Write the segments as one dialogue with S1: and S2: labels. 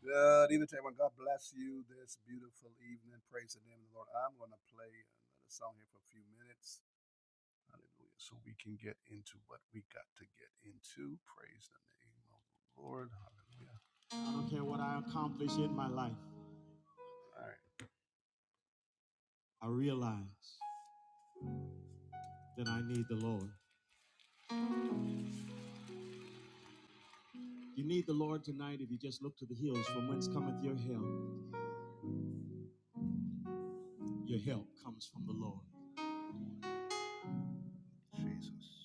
S1: Good evening to everyone. God bless you this beautiful evening. Praise the name of the Lord. I'm going to play another song here for a few minutes. Hallelujah. So we can get into what we got to get into. Praise the name of the Lord. Hallelujah. All right. Jesus.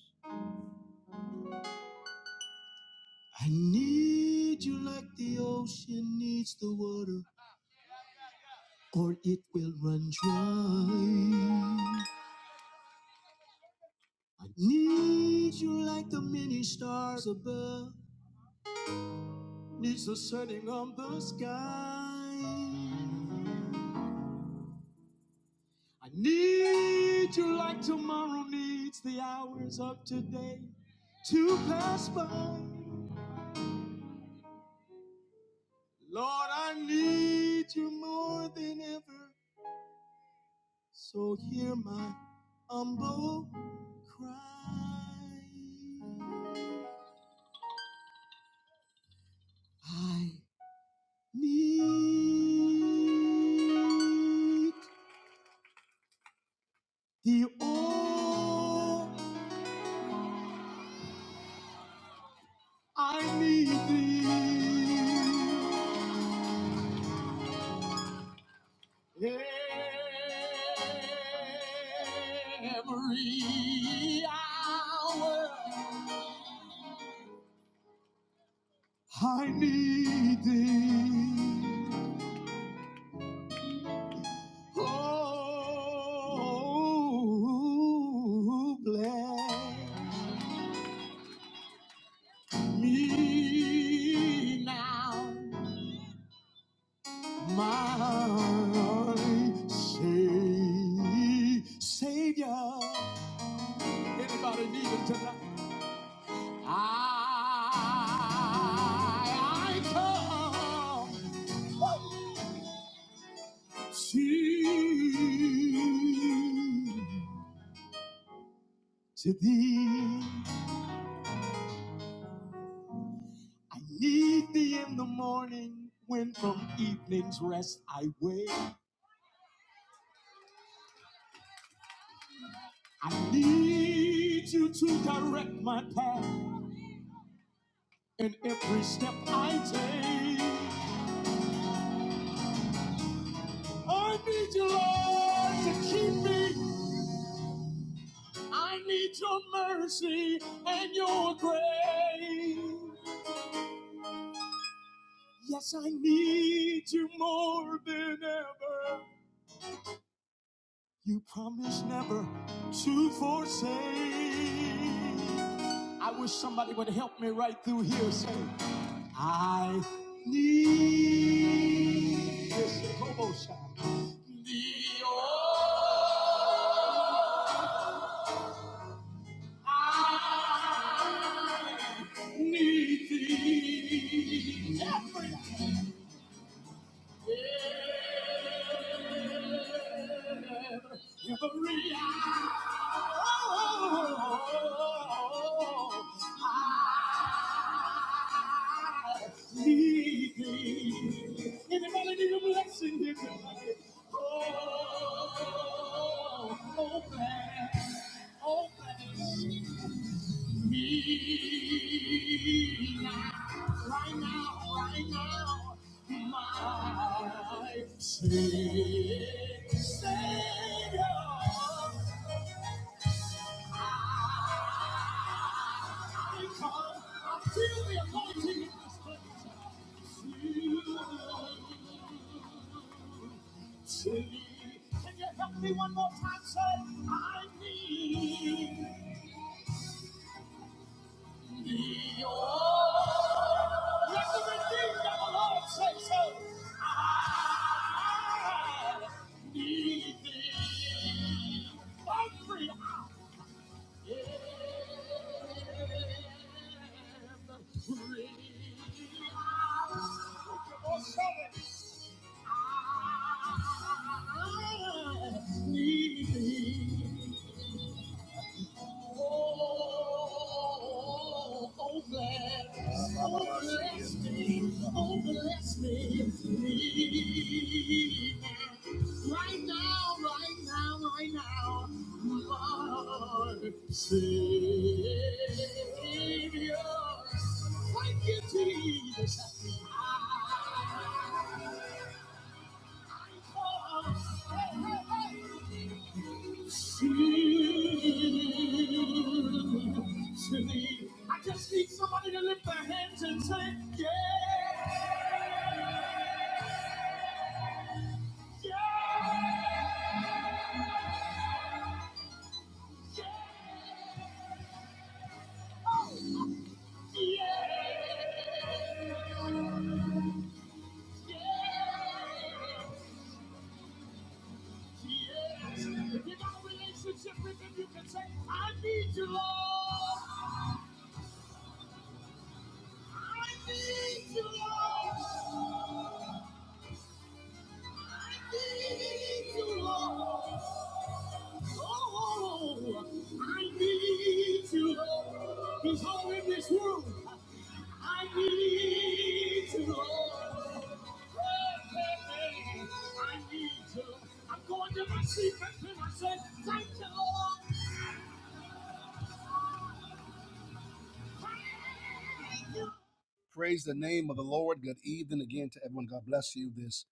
S1: Praise the name of the Lord. Good evening again to everyone. God bless you this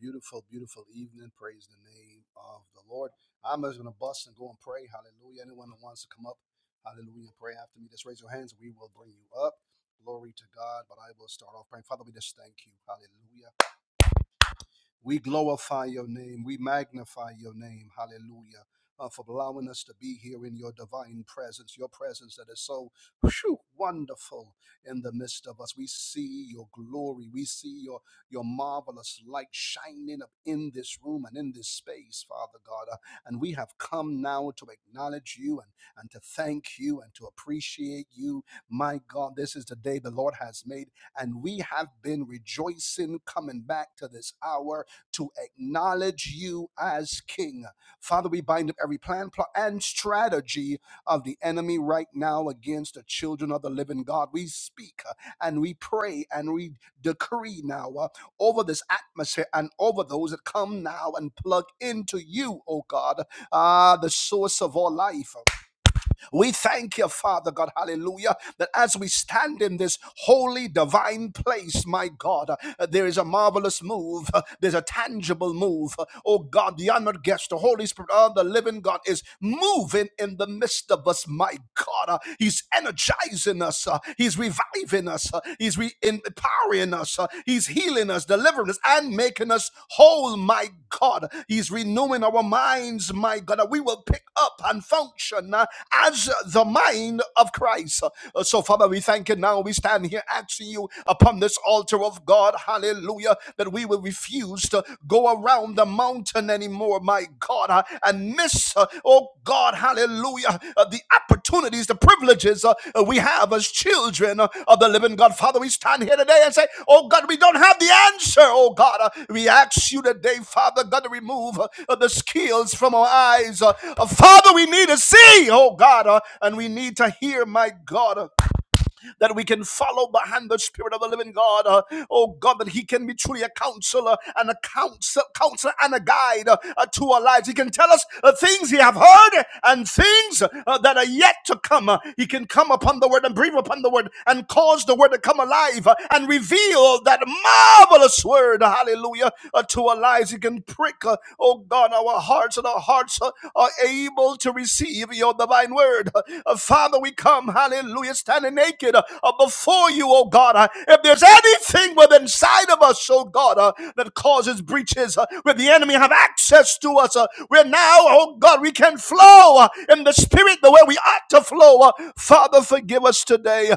S1: beautiful, beautiful evening. Praise the name of the Lord. I'm just going to bust and go and pray. Hallelujah. Anyone who wants to come up, hallelujah, pray after me, just raise your hands. We will bring you up. Glory to God. But I will start off praying. Father, we just thank you. Hallelujah. We glorify your name. We magnify your name. Hallelujah. Uh, for allowing us to be here in your divine presence, your presence that is so whew, wonderful in the midst of us. We see your glory. We see your, your marvelous light shining up in this room and in this space, Father God. Uh, and we have come now to acknowledge you and, and to thank you and to appreciate you. My God, this is the day the Lord has made, and we have been rejoicing coming back to this hour to acknowledge you as king. Father, we bind up every plan, plot, and strategy of the enemy right now against the children of the living God. We speak uh, and we pray and we decree now uh, over this atmosphere and over those that come now and plug into you, oh God, ah, the source of all life. We thank you, Father God, hallelujah, that as we stand in this holy, divine place, my God, uh, there is a marvelous move. uh, there's a tangible move. Uh, oh God, the honored guest, the Holy Spirit of the living God is moving in the midst of us, my God. uh, he's energizing us. uh, he's reviving us. uh, he's re- empowering us restoring us. Uh, He's healing us, delivering us, and making us whole, my God. He's renewing our minds, my God. that We will pick up and function uh, as the mind of Christ. Uh, So, Father, we thank you now. We stand here asking you upon this altar of God, hallelujah, that we will refuse to go around the mountain anymore, my God. God, uh, and miss, uh, oh God, hallelujah, uh, the opportunities, the privileges uh, uh, we have as children uh, of the living God. Father, we stand here today and say, oh God, we don't have the answer, oh God. Uh, we ask you today, Father God, to remove uh, uh, the skills from our eyes. Uh, uh, Father, we need to see, oh God, uh, and we need to hear, my God. Uh, that we can follow behind the Spirit of the living God. Uh, oh God, that He can be truly a counselor and a counsel, counselor and a guide uh, uh, to our lives. He can tell us uh, things He have heard and things uh, that are yet to come. Uh, he can come upon the Word and breathe upon the Word and cause the Word to come alive uh, and reveal that marvelous Word. Hallelujah uh, to our lives. He can prick. Uh, oh Oh God, our hearts and our hearts uh, are able to receive your divine word. Uh, Father, we come, hallelujah, standing naked uh, uh, before you, oh God. Uh, If there's anything within inside of us, oh God, uh, that causes breaches uh, where the enemy have access to us, uh, where now, oh God, we can flow uh, in the spirit the way we ought to flow. uh, Father, forgive us today.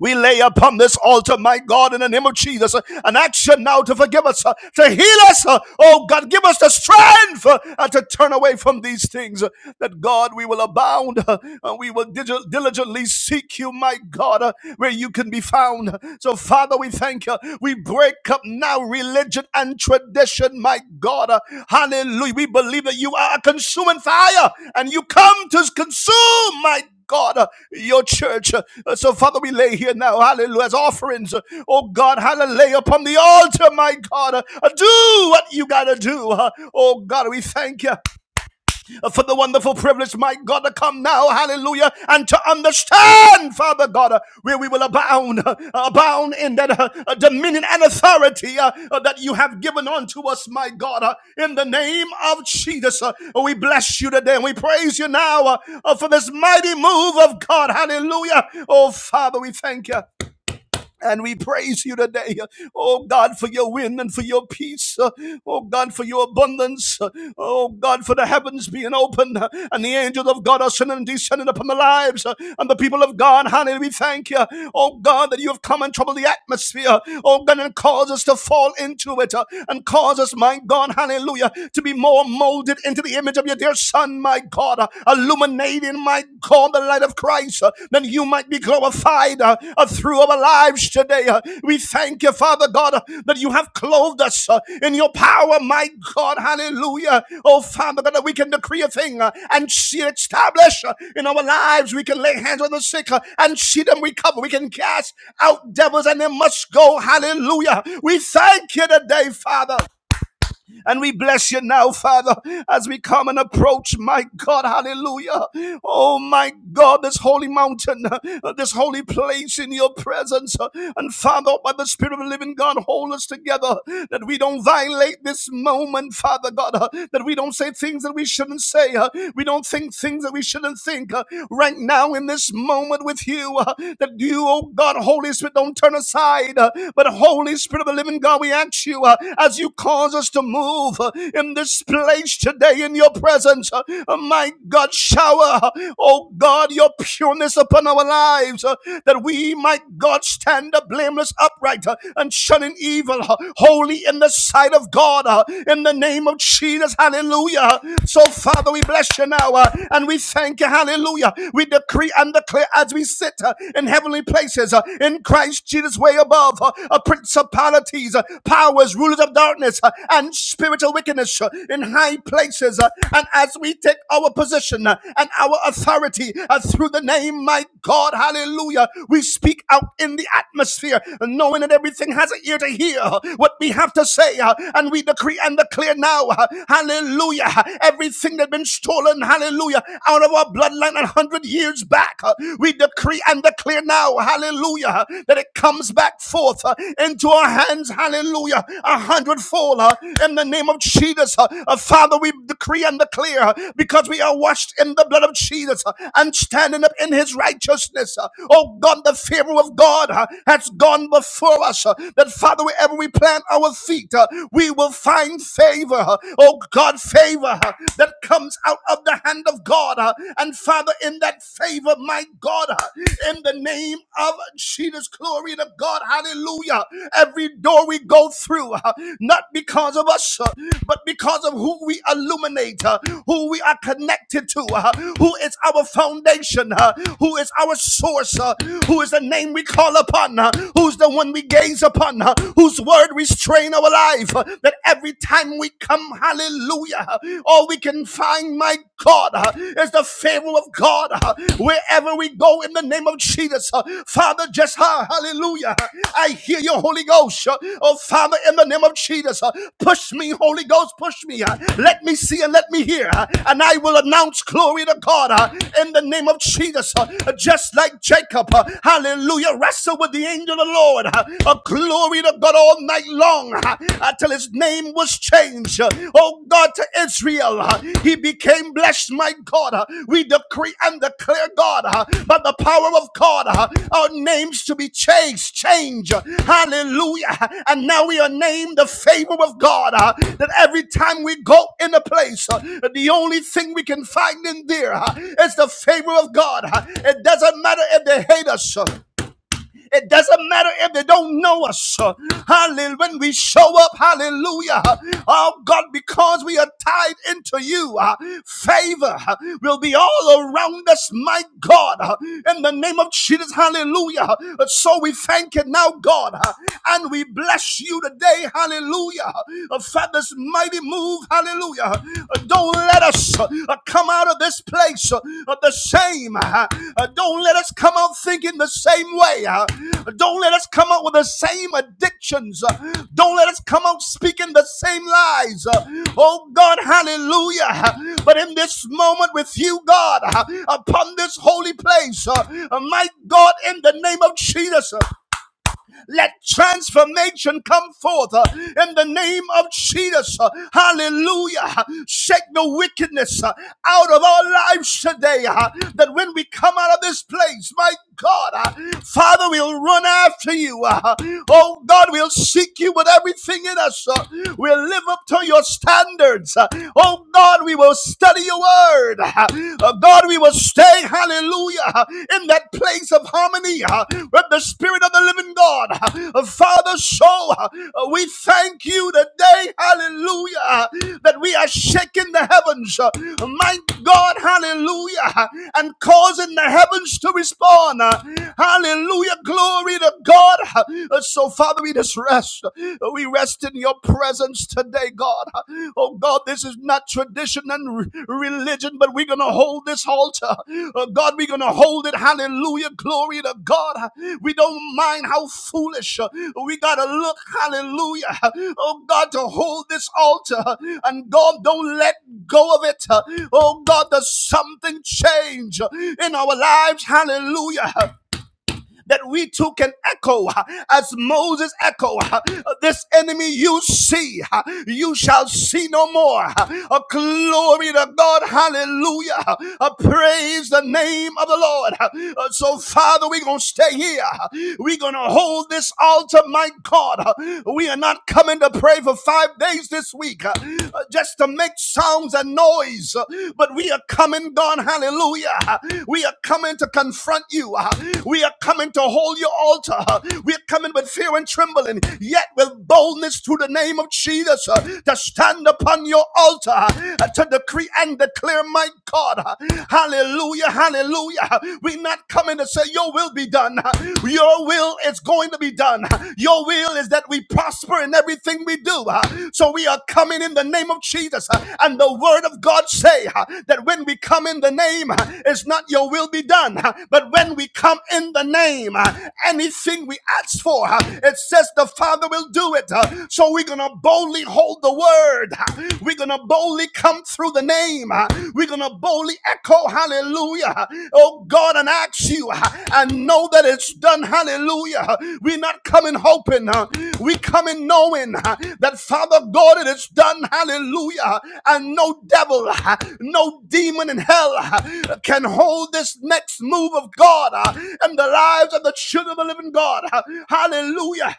S1: We lay upon this altar, my God, in the name of Jesus, uh, an action now to forgive us, uh, to heal us. uh, Oh God, give us the strength uh, uh, to turn away from these things. uh, That God, we will abound. uh, uh, We will diligently seek you, my God, uh, where you can be found. So, Father, we thank you. We break up now religion and tradition, my God. Uh, Hallelujah. We believe that you are a consuming fire and you come to consume, my God. God, uh, your church. Uh, So, Father, we lay here now, hallelujah, as offerings. Uh, Oh, God, hallelujah, lay upon the altar, my God. Uh, Do what you got to do. Uh, Oh, God, we thank you for the wonderful privilege, my God, to come now, hallelujah, and to understand, Father God, uh, where we will abound, uh, abound in that uh, uh, dominion and authority uh, uh, that you have given unto us, my God, uh, in the name of Jesus. uh, we bless you today and we praise you now uh, uh, for this mighty move of God, hallelujah. Oh, Father, we thank you. And we praise you today, oh God, for your wind and for your peace, Uh, oh God, for your abundance, Uh, oh God, for the heavens being open uh, and the angels of God are ascending and descending upon the lives uh, and the people of God. Hallelujah. We thank you, oh God, that you have come and troubled the atmosphere, oh God, and caused us to fall into it uh, and cause us, my God, hallelujah, to be more molded into the image of your dear Son, my God. Uh, illuminating, my God, the light of Christ, uh, that you might be glorified uh, uh, through our lives today. Uh, we thank you, Father God, uh, that you have clothed us uh, in your power, my God. Hallelujah. Oh, Father God, that we can decree a thing uh, and see it established uh, in our lives. We can lay hands on the sick uh, and see them recover. We can cast out devils and they must go. Hallelujah. We thank you today, Father. And we bless you now, Father, as we come and approach, my God, hallelujah. Oh, my God, this holy mountain, uh, this holy place in your presence. uh, And Father, by the Spirit of the living God, hold us together that we don't violate this moment, Father God, uh, that we don't say things that we shouldn't say. uh, We don't think things that we shouldn't think. uh, Right now, in this moment with you, uh, that you, oh God, Holy Spirit, don't turn aside, uh, but Holy Spirit, Spirit of the living God, we ask you uh, as you cause us to move uh, in this place today in your presence. uh, uh, my God, shower, uh, oh God, your pureness upon our lives uh, that we might, God, stand up blameless, upright, uh, and shunning evil, uh, holy in the sight of God, uh, in the name of Jesus. Hallelujah. So, Father, we bless you now uh, and we thank you. Hallelujah. We decree and declare as we sit uh, in heavenly places places uh, in Christ Jesus, way above uh, uh, principalities, uh, powers, rulers of darkness, uh, and spiritual wickedness uh, in high places. uh, and as we take our position uh, and our authority uh, through the name, my God, hallelujah, we speak out in the atmosphere, knowing that everything has an ear to hear uh, what we have to say, uh, and we decree and declare now, uh, hallelujah, everything that's been stolen, hallelujah, out of our bloodline and hundred years back. Uh, We decree and declare now, hallelujah, uh, that it comes back forth uh, into our hands, hallelujah, a hundredfold uh, in the name of Jesus. uh, uh, Father, we decree and declare uh, because we are washed in the blood of Jesus uh, and standing up in his righteousness. uh, Oh God, the favor of God uh, has gone before us. uh, That Father, wherever we plant our feet, uh, we will find favor. uh, Oh God, favor uh, that comes comes out of the hand of God. uh, And Father, in that favor, my God, uh, in the name of Jesus, glory to God, hallelujah. Every door we go through, uh, not because of us, uh, but because of who we illuminate, uh, who we are connected to, uh, who is our foundation, uh, who is our source, uh, who is the name we call upon, uh, who's the one we gaze upon, uh, whose word we strain our life, uh, that every time we come, hallelujah, all we can find, my God, uh, is the favor of God uh, wherever we go in the name of Jesus. uh, Father, just uh, hallelujah. I hear your Holy Ghost. uh, Oh, Father, in the name of Jesus, uh, push me, Holy Ghost, push me. uh, Let me see and let me hear. uh, And I will announce glory to God uh, in the name of Jesus. uh, Just like Jacob, uh, hallelujah, wrestled with the angel of the Lord. uh, A glory glory to God all night long uh, until his name was changed. Uh, Oh God, to Israel, uh, he became blessed, my God. Uh, We decree and declare, God, uh, by the power of God, uh, our names to be changed, change. Hallelujah. And now we are named the favor of God. uh, That every time we go in a place, uh, the only thing we can find in there is the favor of God. Uh, It doesn't matter if they hate us. uh, it doesn't matter if they don't know us. Hallelujah. When we show up, hallelujah. Oh God, because we are tied into you, uh, favor uh, will be all around us, my God. uh, In the name of Jesus, hallelujah. Uh, So we thank you now, God, uh, and we bless you today, hallelujah. Uh, For this mighty move, hallelujah. Uh, don't let us uh, uh, come out of this place uh, uh, the same. Uh, uh, Don't let us come out thinking the same way. Uh, Don't let us come out with the same addictions. Uh, Don't let us come out speaking the same lies. Uh, Oh God, hallelujah. Uh, But in this moment with you, God, uh, upon this holy place, uh, uh, my God, in the name of Jesus, uh, let transformation come forth uh, in the name of Jesus. Uh, Hallelujah. Shake the wickedness uh, out of our lives today. uh, That when we come out of this place, my God, uh, Father, we'll run after you. uh, Oh God, we'll seek you with everything in us. uh, We'll live up to your standards. uh, Oh God, we will study your word. Uh, oh God, we will stay, hallelujah, in that place of harmony uh, with the Spirit of the living God. Uh, Father, so uh, uh, we thank you today, hallelujah, uh, that we are shaking the heavens, uh, my God, hallelujah, uh, and causing the heavens to respond. uh, Hallelujah, glory to God. Uh, So, Father, we just rest. Uh, We rest in your presence today, God. Oh, God, this is not tradition and re- religion, but we're going to hold this altar. Uh, God, we're going to hold it. Hallelujah. Glory to God. We don't mind how foolish. uh, We got to look, hallelujah. Oh, God, to hold this altar. And God, don't let go of it. Oh, God, does something change in our lives? Hallelujah that we too can echo uh, as Moses echoed, uh, this enemy you see uh, you shall see no more Uh, A glory to God hallelujah Uh, A praise the name of the Lord uh, uh, so father we're going to stay here uh, we're going to hold this altar my God uh, we are not coming to pray for 5 days this week uh, uh, just to make sound sounds and noise, but we are coming, God, hallelujah. We are coming to confront you. We are coming to hold your altar. We are coming with fear and trembling, yet with boldness through the name of Jesus to stand upon your altar, to decree and declare, my God, hallelujah, hallelujah. We're not coming to say, Your will be done. Your will is going to be done. Your will is that we prosper in everything we do. So we are coming in the name of Jesus. And the word of God say that when we come in the name, it's not your will be done. But when we come in the name, anything we ask for, it says the Father will do it. So we're going to boldly hold the word. We're going to boldly come through the name. We're going to boldly echo, hallelujah. Oh God, and ask you uh, and know that it's done, hallelujah. We're not coming hoping, uh, we coming knowing uh, that Father God, it is done, hallelujah. And no devil, uh, no demon in hell uh, can hold this next move of God uh, in the lives of the children of the living God. Uh, Hallelujah.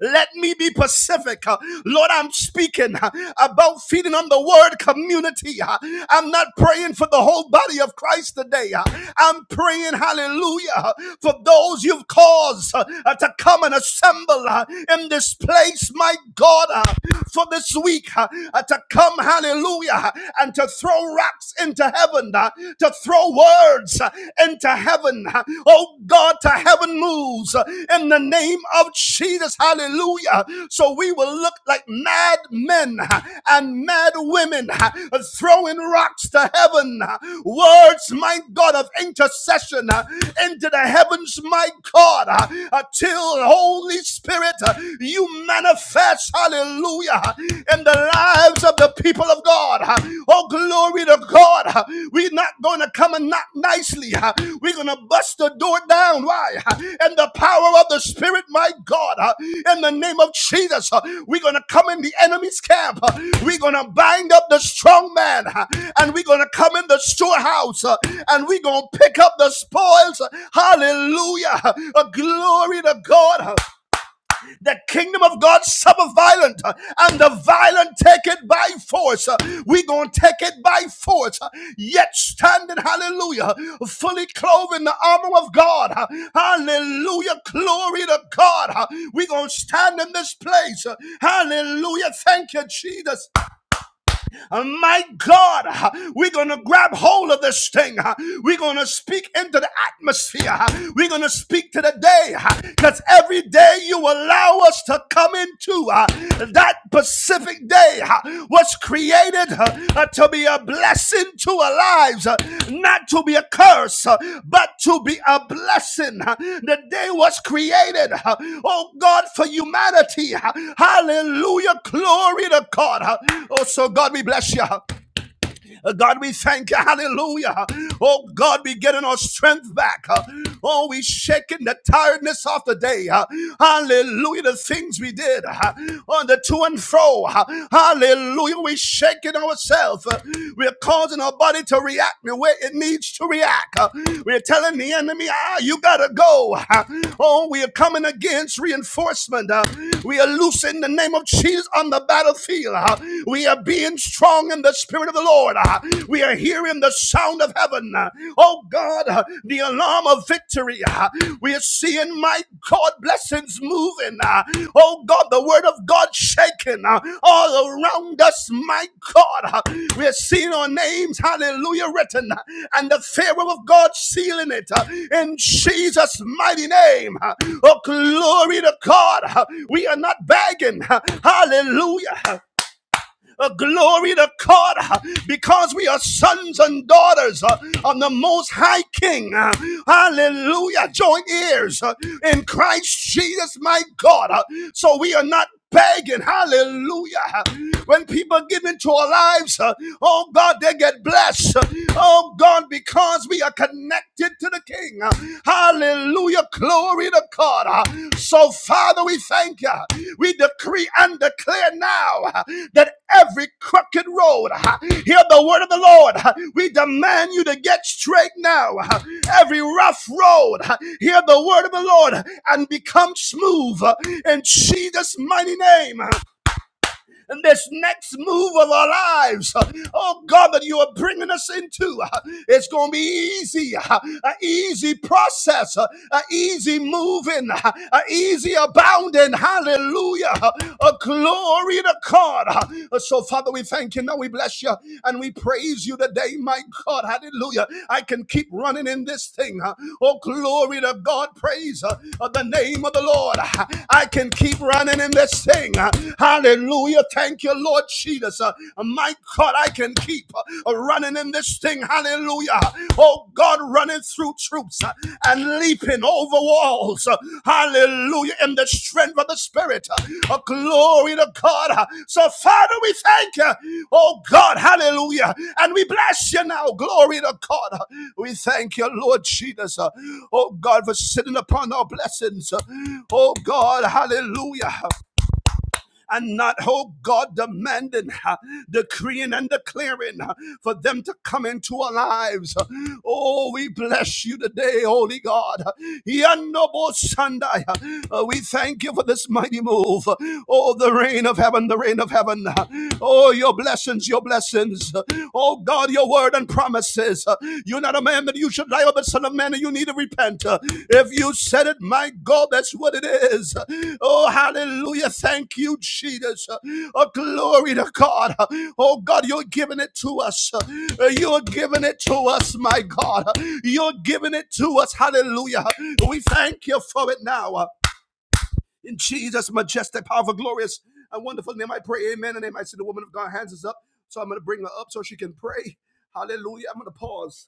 S1: Let me be Pacific. Uh, Lord, I'm speaking uh, about feeding on the word community. Uh, I'm not praying for the whole body of Christ today. Uh, I'm praying, hallelujah, uh, for those you've caused uh, uh, to come and assemble uh, in this place, my God, uh, for this week uh, uh, to come, hallelujah, and to throw rocks into heaven, uh, to throw words uh, into into heaven. Oh God, to heaven moves in the name of Jesus. Hallelujah. So we will look like mad men and mad women throwing rocks to heaven. Words, my God, of intercession into the heavens, my God, until Holy Spirit, you manifest, hallelujah, in the lives of the people people of God. Oh, glory to God. We're not going to come and knock nicely. We're going to bust the door down. Why? And the power of the Spirit, my God, in the name of Jesus, we're going to come in the enemy's camp. We're going to bind up the strong man and we're going to come in the storehouse and we're going to pick up the spoils. Hallelujah. Glory to God. The kingdom of God suffer violent, uh, and the violent take it by force. Uh, We gonna take it by force. Uh, Yet standing, hallelujah, fully clothed in the armor of God. Uh, Hallelujah, glory to God. Uh, We gonna stand in this place. Uh, Hallelujah, thank you, Jesus. Uh, My God, uh, we're going to grab hold of this thing. uh, We're going to speak into the atmosphere. uh, We're going to speak to the day because every day you allow us to come into uh, that Pacific day uh, was created. uh, uh, uh, to be a blessing to our lives, uh, not to be a curse, uh, but to be a blessing. uh, The day was created, uh, oh God, for humanity. uh, Hallelujah. Glory to God. uh, Oh, so God, we bless you. Uh, uh, God, we thank you. Hallelujah. Oh, God, we getting our strength back. Uh, Oh, we shaking the tiredness off the day. Uh, Hallelujah. The things we did uh, on the to and fro. Uh, Hallelujah. We shaking ourselves. Uh, We're causing our body to react the way it needs to react. Uh, We're telling the enemy, ah, you gotta go. Uh, Oh, we are coming against reinforcement. Uh, We are loosing the name of Jesus on the battlefield. Uh, We are being strong in the Spirit of the Lord. Uh, We are hearing the sound of heaven. Uh, Oh God, uh, the alarm of victory. Uh, We are seeing, my God, blessings moving. Uh, Oh God, the word of God shaking uh, all around us, my God. Uh, We are seeing our names, hallelujah, written uh, and the Pharaoh of God sealing it uh, in Jesus' mighty name. Uh, Oh, glory to God. Uh, We are not begging. Uh, Hallelujah. Uh, uh, glory to God uh, because we are sons and daughters uh, of the Most High King. Uh, hallelujah. Join ears uh, in Christ Jesus, my God. Uh, so we are not begging. Hallelujah. Uh, When people give into our lives, uh, oh God, they get blessed. Uh, Oh God, because we are connected to the King. Uh, Hallelujah. Glory to God. Uh, So, Father, we thank you. We decree and declare now uh, that every crooked road. Hear the word of the Lord. We demand you to get straight now. Every rough road, hear the word of the Lord and become smooth in Jesus' mighty name in this next move of our lives, oh God, that you are bringing us into. It's going to be easy, an easy process, an easy moving, an easy abounding. Hallelujah. A glory to God. So, Father, we thank you. Now we bless you and we praise you today, my God. Hallelujah. I can keep running in this thing. Oh, glory to God. Praise uh, the name of the Lord. I can keep running in this thing. Hallelujah. Thank you, Lord Jesus. Uh, my God, I can keep uh, running in this thing. Hallelujah. Oh God, running through troops uh, and leaping over walls. Uh, hallelujah. In the strength of the Spirit. Uh, uh, glory to God. Uh, so, Father, we thank you. Oh God, hallelujah. And we bless you now. Glory to God. Uh, we thank you, Lord Jesus. Uh, oh God, for sitting upon our blessings. Uh, oh God, hallelujah and not, oh God, demanding, uh, decreeing, and declaring uh, for them to come into our lives. Oh, we bless you today, Holy God. Yanobo Sunday. Uh, We thank you for this mighty move. Oh, the rain of heaven, the rain of heaven. Oh, your blessings, your blessings. Oh, God, your word and promise says, uh, You're not a man that you should lie, but son of man, and you need to repent. Uh, If you said it, my God, that's what it is. Uh, Oh, hallelujah. Thank you, Jesus. Uh, Oh, glory to God. Uh, Oh, God, you're giving it to us. Uh, You're giving it to us, my God. Uh, You're giving it to us. Hallelujah. We thank you for it now. Uh, In Jesus' majestic, powerful, glorious, and wonderful name, I pray. Amen. And amen. I see the woman of God hands is up. So I'm going to bring her up so she can pray. Hallelujah. I'm going to pause.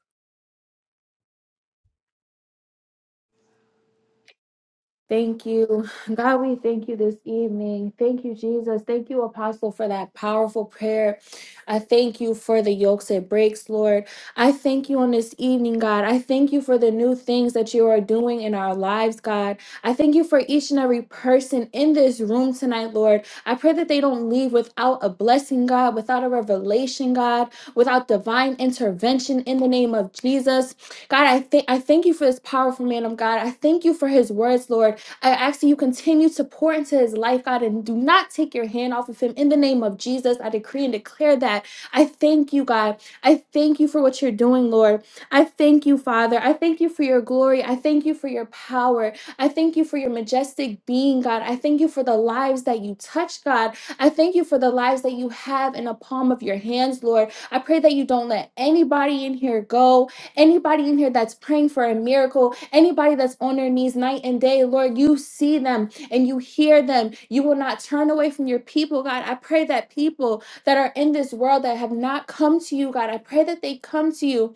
S2: Thank you. God, we thank you this evening. Thank you, Jesus. Thank you, Apostle, for that powerful prayer. I thank you for the yokes it breaks, Lord. I thank you on this evening, God. I thank you for the new things that you are doing in our lives, God. I thank you for each and every person in this room tonight, Lord. I pray that they don't leave without a blessing, God, without a revelation, God, without divine intervention in the name of Jesus. God, I, thank I thank you for this powerful man of God. I thank you for his words, Lord. I ask that you continue to pour into his life, God, and do not take your hand off of him. In the name of Jesus, I decree and declare that. I thank you, God. I thank you for what you're doing, Lord. I thank you, Father. I thank you for your glory. I thank you for your power. I thank you for your majestic being, God. I thank you for the lives that you touch, God. I thank you for the lives that you have in the palm of your hands, Lord. I pray that you don't let anybody in here go. Anybody in here that's praying for a miracle, anybody that's on their knees night and day, Lord, you see them and you hear them. You will not turn away from your people, God. I pray that people that are in this world that have not come to you, God, I pray that they come to you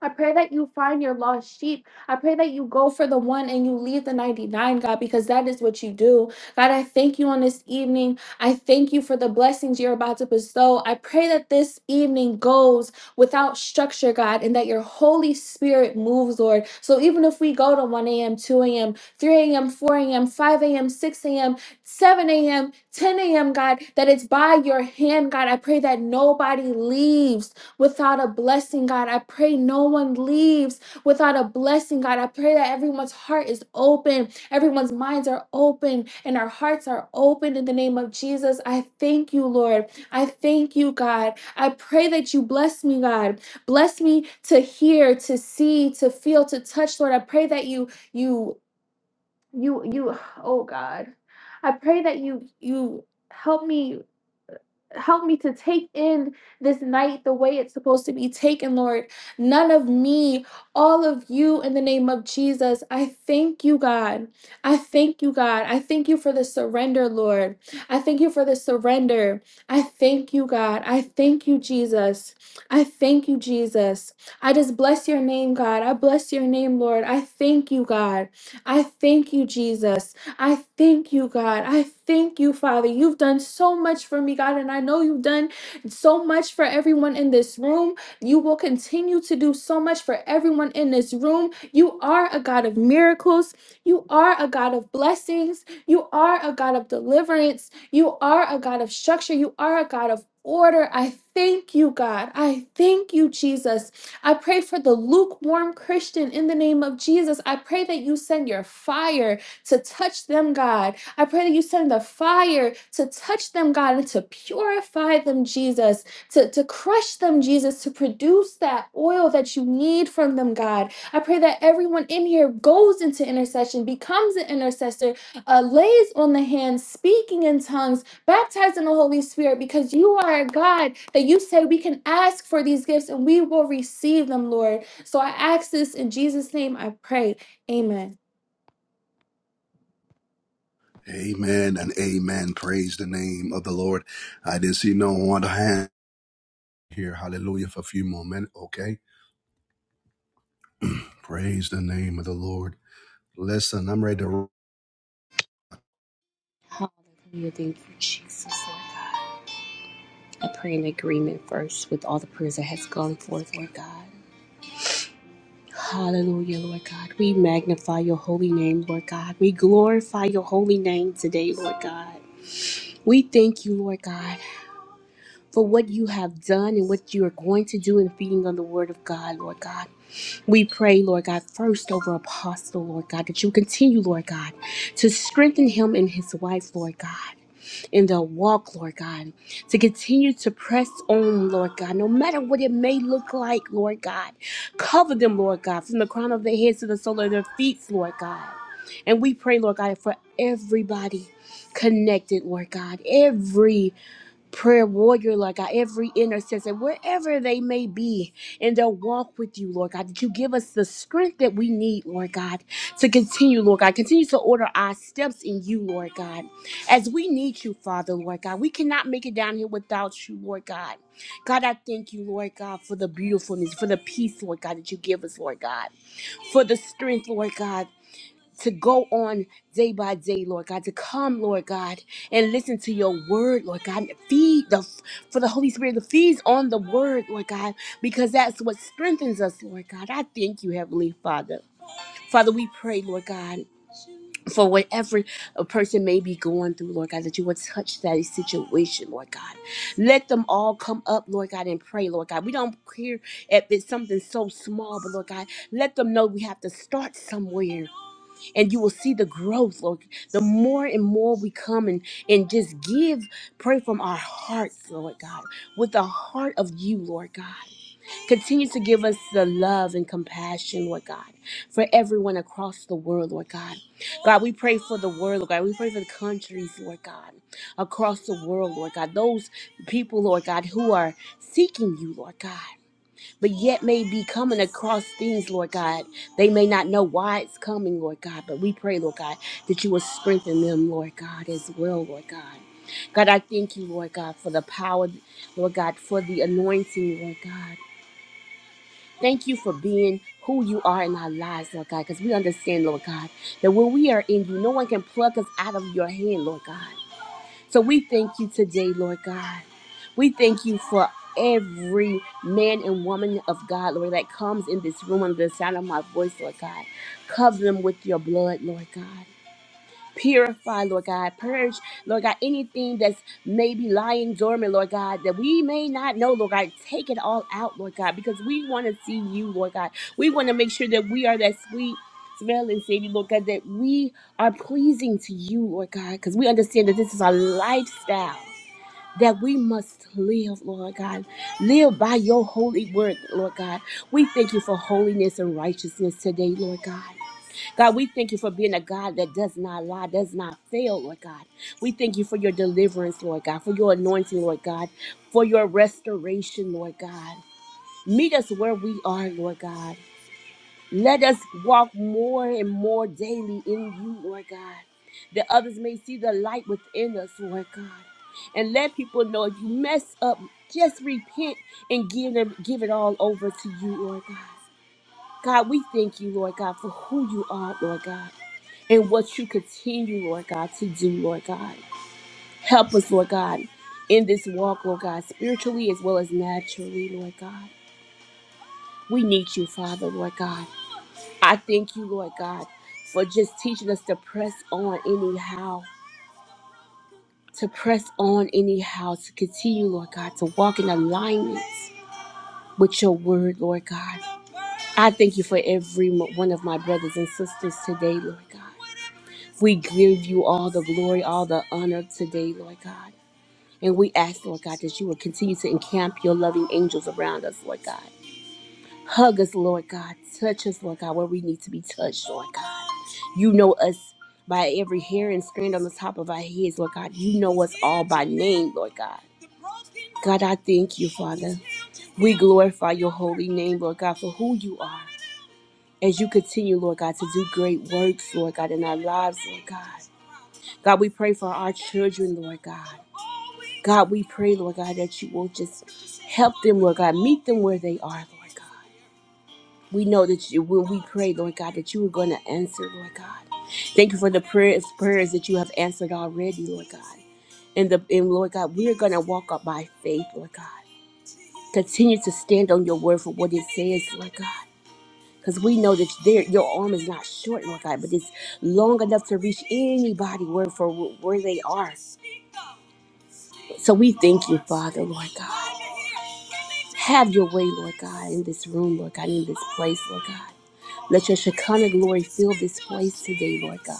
S2: I pray that you find your lost sheep. I pray that you go for the one and you leave the 99, God, because that is what you do. God, I thank you on this evening. I thank you for the blessings you're about to bestow. I pray that this evening goes without structure, God, and that your Holy Spirit moves, Lord. So even if we go to 1 a.m., 2 a.m., 3 a.m., 4 a.m., 5 a.m., 6 a.m., 7 a.m., 10 a.m., God, that it's by your hand, God. I pray that nobody leaves without a blessing, God. I pray no one leaves without a blessing, God. I pray that everyone's heart is open, everyone's minds are open, and our hearts are open in the name of Jesus. I thank you, Lord. I thank you, God. I pray that you bless me, God. Bless me to hear, to see, to feel, to touch, Lord. I pray that you, you, you, you, oh God. I pray that you, you help me help me to take in this night the way it's supposed to be taken, Lord. None of me, all of you in the name of Jesus. I thank you, God. I thank you, God. I thank you for the surrender, Lord. I thank you for the surrender. I thank you, God. I thank you, Jesus. I thank you, Jesus. I just bless your name, God. I bless your name, Lord. I thank you, God. I thank you, Jesus. I thank you, God. I thank you, Father. You've done so much for me, God, and I know you've done so much for everyone in this room. You will continue to do so much for everyone in this room. You are a God of miracles. You are a God of blessings. You are a God of deliverance. You are a God of structure. You are a God of order. I thank you, God. I thank you, Jesus. I pray for the lukewarm Christian in the name of Jesus. I pray that you send your fire to touch them, God. I pray that you send the fire to touch them, God, and to purify them, Jesus, to, to crush them, Jesus, to produce that oil that you need from them, God. I pray that everyone in here goes into intercession, becomes an intercessor, uh, lays on the hands, speaking in tongues, baptized in the Holy Spirit, because you are a God that you say we can ask for these gifts and we will receive them, Lord. So I ask this in Jesus' name, I pray. Amen.
S1: Amen and amen. Praise the name of the Lord. I didn't see no one hand here. Hallelujah for a few more minutes. Okay. Praise the name of the Lord. Listen, I'm ready to.
S3: Hallelujah. Thank you, Jesus, Lord God. I pray in agreement first with all the prayers that has gone forth, Lord God. Hallelujah, Lord God. We magnify your holy name, Lord God. We glorify your holy name today, Lord God. We thank you, Lord God, for what you have done and what you are going to do in feeding on the word of God, Lord God. We pray, Lord God, first over Apostle, Lord God, that you continue, Lord God, to strengthen him and his wife, Lord God. in the walk, Lord God, to continue to press on, Lord God, no matter what it may look like, Lord God. Cover them, Lord God, from the crown of their heads to the sole of their feet, Lord God. And we pray, Lord God, for everybody connected, Lord God, every prayer warrior, Lord God, every intercessor, wherever they may be in their walk with you, Lord God, that you give us the strength that we need, Lord God, to continue, Lord God, continue to order our steps in you, Lord God, as we need you, Father, Lord God. We cannot make it down here without you, Lord God. God, I thank you, Lord God, for the beautifulness, for the peace, Lord God, that you give us, Lord God, for the strength, Lord God to go on day by day, Lord God, to come, Lord God, and listen to your word, Lord God, and feed the for the Holy Spirit to feed on the word, Lord God, because that's what strengthens us, Lord God. I thank you, Heavenly Father. Father, we pray, Lord God. For whatever a person may be going through, Lord God, that you would touch that situation, Lord God. Let them all come up, Lord God, and pray, Lord God. We don't care if it's something so small, but Lord God, let them know we have to start somewhere and you will see the growth lord the more and more we come and and just give pray from our hearts lord god with the heart of you lord god continue to give us the love and compassion lord god for everyone across the world lord god god we pray for the world lord god we pray for the countries lord god across the world lord god those people lord god who are seeking you lord god but yet may be coming across things, Lord God. They may not know why it's coming, Lord God, but we pray, Lord God, that you will strengthen them, Lord God, as well, Lord God. God, I thank you, Lord God, for the power, Lord God, for the anointing, Lord God. Thank you for being who you are in our lives, Lord God, because we understand, Lord God, that when we are in you, no one can pluck us out of your hand, Lord God. So we thank you today, Lord God. We thank you for every man and woman of God, Lord, that comes in this room under the sound of my voice, Lord God. Cover them with your blood, Lord God. Purify, Lord God. Purge, Lord God, anything that's maybe lying dormant, Lord God, that we may not know, Lord God. Take it all out, Lord God, because we want to see you, Lord God. We want to make sure that we are that sweet smelling Savior, Lord God, that we are pleasing to you, Lord God, because we understand that this is our lifestyle. That we must live, Lord God. Live by your holy word, Lord God. We thank you for holiness and righteousness today, Lord God. God, we thank you for being a God that does not lie, does not fail, Lord God. We thank you for your deliverance, Lord God, for your anointing, Lord God, for your restoration, Lord God. Meet us where we are, Lord God. Let us walk more and more daily in you, Lord God, that others may see the light within us, Lord God. And let people know if you mess up, just repent and give them give it all over to you, Lord God. God, we thank you, Lord God, for who you are, Lord God and what you continue, Lord God, to do, Lord God. Help us, Lord God, in this walk, Lord God, spiritually as well as naturally, Lord God. We need you, Father, Lord God. I thank you, Lord God, for just teaching us to press on anyhow, to press on anyhow, to continue, Lord God, to walk in alignment with your word, Lord God. I thank you for every mo- one of my brothers and sisters today, Lord God. We give you all the glory, all the honor today, Lord God. And we ask, Lord God, that you will continue to encamp your loving angels around us, Lord God. Hug us, Lord God. Touch us, Lord God, where we need to be touched, Lord God. You know us by every hair and strand on the top of our heads, Lord God. You know us all by name, Lord God. God, I thank you, Father. We glorify your holy name, Lord God, for who you are. As you continue, Lord God, to do great works, Lord God, in our lives, Lord God. God, we pray for our children, Lord God. God, we pray, Lord God, that you will just help them, Lord God, meet them where they are, Lord God. We know that you, when we pray, Lord God, that you are going to answer, Lord God. Thank you for the prayers, prayers that you have answered already, Lord God. And the and Lord God, we are going to walk up by faith, Lord God. Continue to stand on your word for what it says, Lord God. Because we know that there, your arm is not short, Lord God, but it's long enough to reach anybody where, for where they are. So we thank you, Father, Lord God. Have your way, Lord God, in this room, Lord God, in this place, Lord God. Let your Shekinah glory fill this place today, Lord God.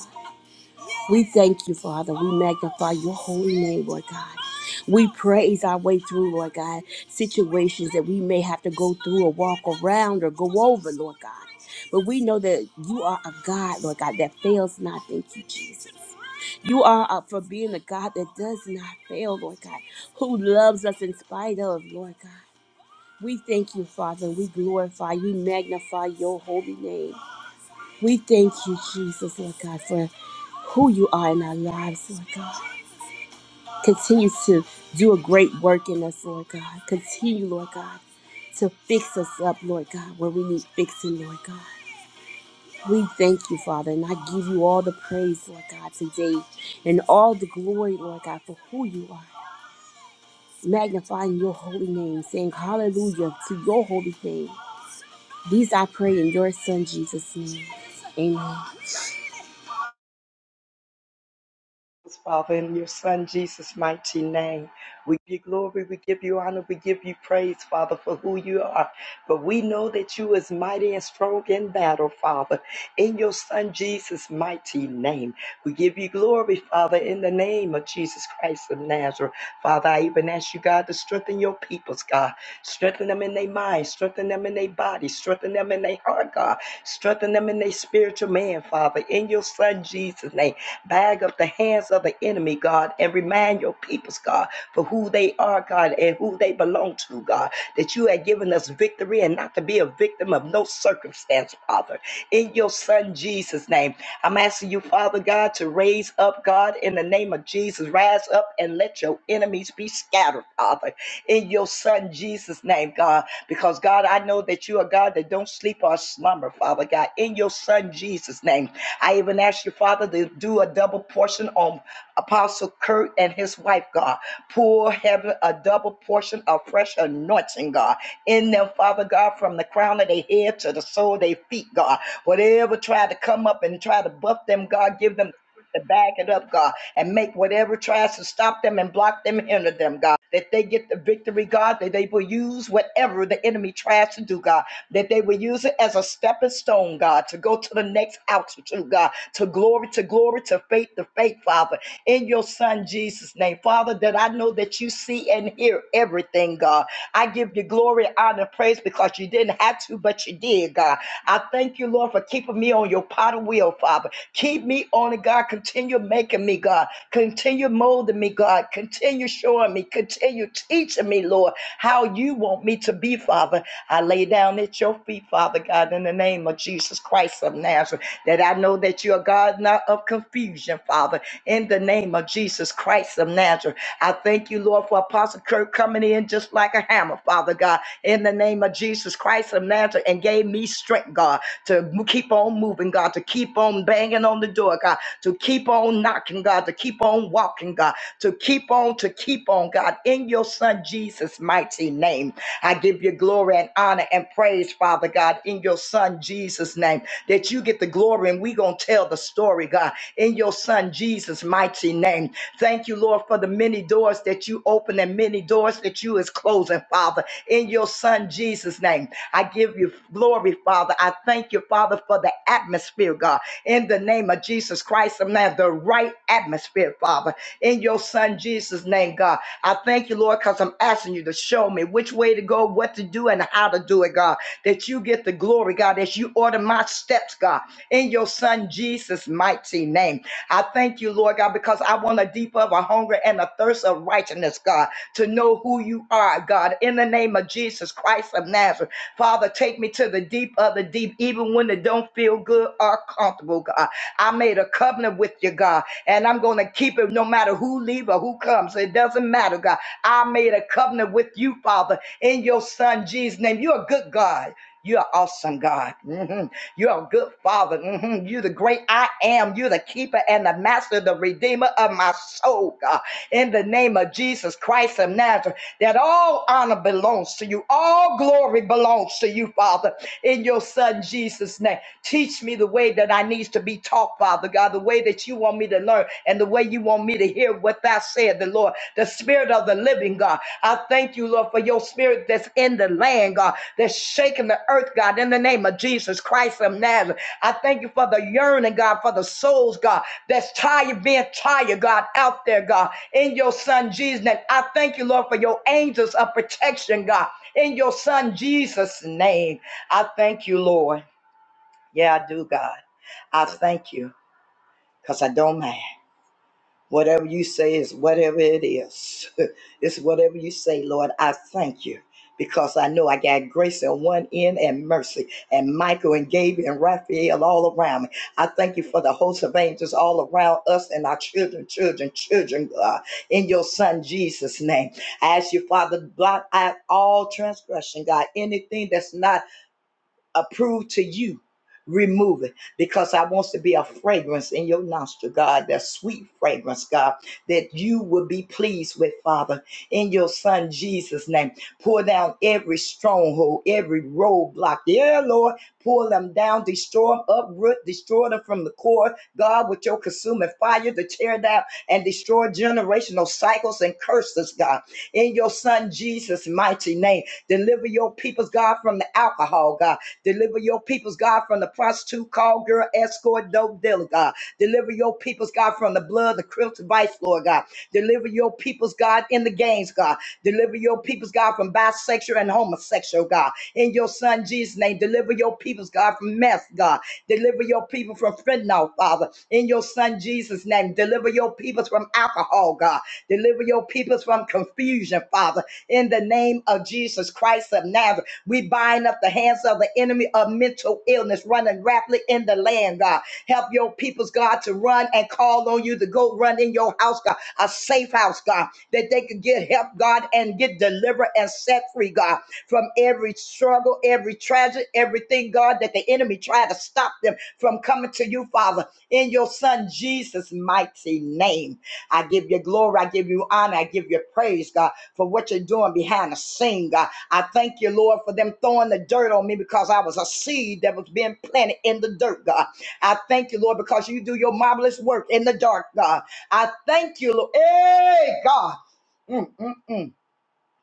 S3: We thank you, Father. We magnify your holy name, Lord God. We praise our way through, Lord God, situations that we may have to go through or walk around or go over, Lord God. But we know that you are a God, Lord God, that fails not. Thank you, Jesus. You are up for being a God that does not fail, Lord God, who loves us in spite of, Lord God. We thank you, Father. We glorify we magnify your holy name. We thank you, Jesus, Lord God, for who you are in our lives, Lord God. Continue to do a great work in us, Lord God. Continue, Lord God, to fix us up, Lord God, where we need fixing, Lord God. We thank you, Father, and I give you all the praise, Lord God, today, and all the glory, Lord God, for who you are. Magnifying your holy name, saying hallelujah to your holy name. These I pray in your Son Jesus' name. Amen.
S4: Father, in your Son Jesus' mighty name. We give you glory, we give you honor, we give you praise, Father, for who you are. But we know that you is mighty and strong in battle, Father, in your Son Jesus' mighty name. We give you glory, Father, in the name of Jesus Christ of Nazareth. Father, I even ask you, God, to strengthen your peoples, God. Strengthen them in their mind, strengthen them in their body, strengthen them in their heart, God. Strengthen them in their spiritual man, Father, in your Son Jesus' name. Bag up the hands of the enemy, God, and remind your peoples, God, for who they are, God, and who they belong to, God, that you have given us victory and not to be a victim of no circumstance, Father. In your Son Jesus' name, I'm asking you, Father God, to raise up, God, in the name of Jesus. Rise up and let your enemies be scattered, Father. In your Son Jesus' name, God. Because God, I know that you are God that don't sleep or slumber, Father God. In your Son Jesus' name, I even ask you, Father, to do a double portion on Apostle Kurt and his wife, God. Pour heaven a double portion of fresh anointing, God. In them, Father God, from the crown of their head to the sole of their feet, God. Whatever tried to come up and try to buff them, God, give them to bag it up, God, and make whatever tries to stop them and block them, hinder them, God. That they get the victory, God, that they will use whatever the enemy tries to do, God. that they they will use it as a stepping stone, God, to go to the next altitude, God, to glory, to glory, to faith, to faith, Father, in your Son Jesus' name. Father, that I know that you see and hear everything, God. I give you glory, honor, and praise because you didn't have to, but you did, God. I thank you, Lord, for keeping me on your potter wheel, Father. Keep me on it, God. Continue making me, God. Continue molding me, me, God. Continue showing me. Continue teaching me, Lord, how you want me to be, Father. I lay down at your feet, Father God, in the name of Jesus Christ of Nazareth, that I know that you are God, not of confusion, Father, in the name of Jesus Christ of Nazareth. I thank you, Lord, for Apostle Kirk coming in just like a hammer, Father God, in the name of Jesus Christ of Nazareth, and gave me strength, God to keep on moving, God, to keep on banging on the door, God, to keep on knocking, God, to keep on walking, God, to keep on, to keep on, God, in your Son Jesus' mighty name. I give you glory and honor and praise, Father God, in your Son Jesus' name, that you get the glory and we going to tell the story, God, in your Son Jesus' mighty name. Thank you, Lord, for the many doors that you open and many doors that you is closing, Father, in your Son Jesus' name. I give you glory glory, Father. I thank you, Father, for the atmosphere, God, in the name of Jesus Christ of Nazareth, the right atmosphere, Father, in your Son Jesus' name, God. I thank you, Lord, because I'm asking you to show me which way to go, what to do, and how to do it, God. That you get the glory, God, that you order my steps, God, in your Son Jesus' mighty name. I thank you, Lord God, because I want a deeper, of a hunger and a thirst of righteousness, God, to know who you are, God, in the name of Jesus Christ of Nazareth. Father, take me to the deep of the deep, even when it don't feel good or comfortable, God. I made a covenant with you, God, and I'm going to keep it no matter who leave or who comes. It doesn't matter, God. I made a covenant with you, Father, in your son Jesus' name. You're a good God. You're an awesome, God. Mhm. You're a good father. hmm You're the great I am. You're the keeper and the master, the redeemer of my soul, God. In the name of Jesus Christ of Nazareth, that all honor belongs to you. All glory belongs to you, Father, in your son Jesus' name. Teach me the way that I need to be taught, Father God, the way that you want me to learn and the way you want me to hear what thou said, the Lord, the spirit of the living God. I thank you, Lord, for your spirit that's in the land, God, that's shaking the earth, God, in the name of Jesus Christ of Nazareth. I thank you for the yearning, God, for the souls, God, that's tired, being tired, God, out there, God, in your son Jesus' name. I thank you, Lord, for your angels of protection, God, in your son Jesus' name. I thank you, Lord. Yeah, I do, God. I thank you because I don't mind. Whatever you say is whatever it is. it's whatever you say, Lord. I thank you because I know I got grace on one end and mercy, and Michael and Gabriel and Raphael all around me. I thank you for the host of angels all around us and our children, children, children, God, in your Son Jesus' name. I ask you, Father, blot out all transgression, God, anything that's not approved to you. Remove it because I want to be a fragrance in your nostril, God, that sweet fragrance, God, that you will be pleased with, Father, in your Son Jesus' name. Pour down every stronghold, every roadblock. Yeah, Lord, Pull them down, destroy them, uproot, destroy them from the core, God, with your consuming fire to tear down and destroy generational cycles and curses, God in your son Jesus' mighty name. Deliver your people's God from the alcohol, God. Deliver your people's God from the prostitute, call girl, escort, dope dealer, God. Deliver your people's God from the blood, the criminal vice, Lord God. Deliver your people's God in the games, God. Deliver your people's God from bisexual and homosexual, God. In your son Jesus' name, deliver your people's God from mess, God. Deliver your people from fentanyl, Father. In your Son Jesus' name, deliver your people from alcohol, God. Deliver your people from confusion, Father. In the name of Jesus Christ of Nazareth, we bind up the hands of the enemy of mental illness running rapidly in the land, God nation, God. Help your peoples, God, to run and call on you to go run in your house, God, a safe house, God, that they could get help, God, and get delivered and set free, God, from every struggle, every tragedy, everything, God, that the enemy tried to stop them from coming to you, Father, in your Son Jesus' mighty name. I give you glory, I give you honor, I give you praise, God, for what you're doing behind the scene, God. I thank you, Lord, for them throwing the dirt on me because I was a seed that was being planted in the dirt, God. I thank you, Lord, because you do your marvelous work in the dark, God. I thank you, Lord. Hey, God. Mm, mm, mm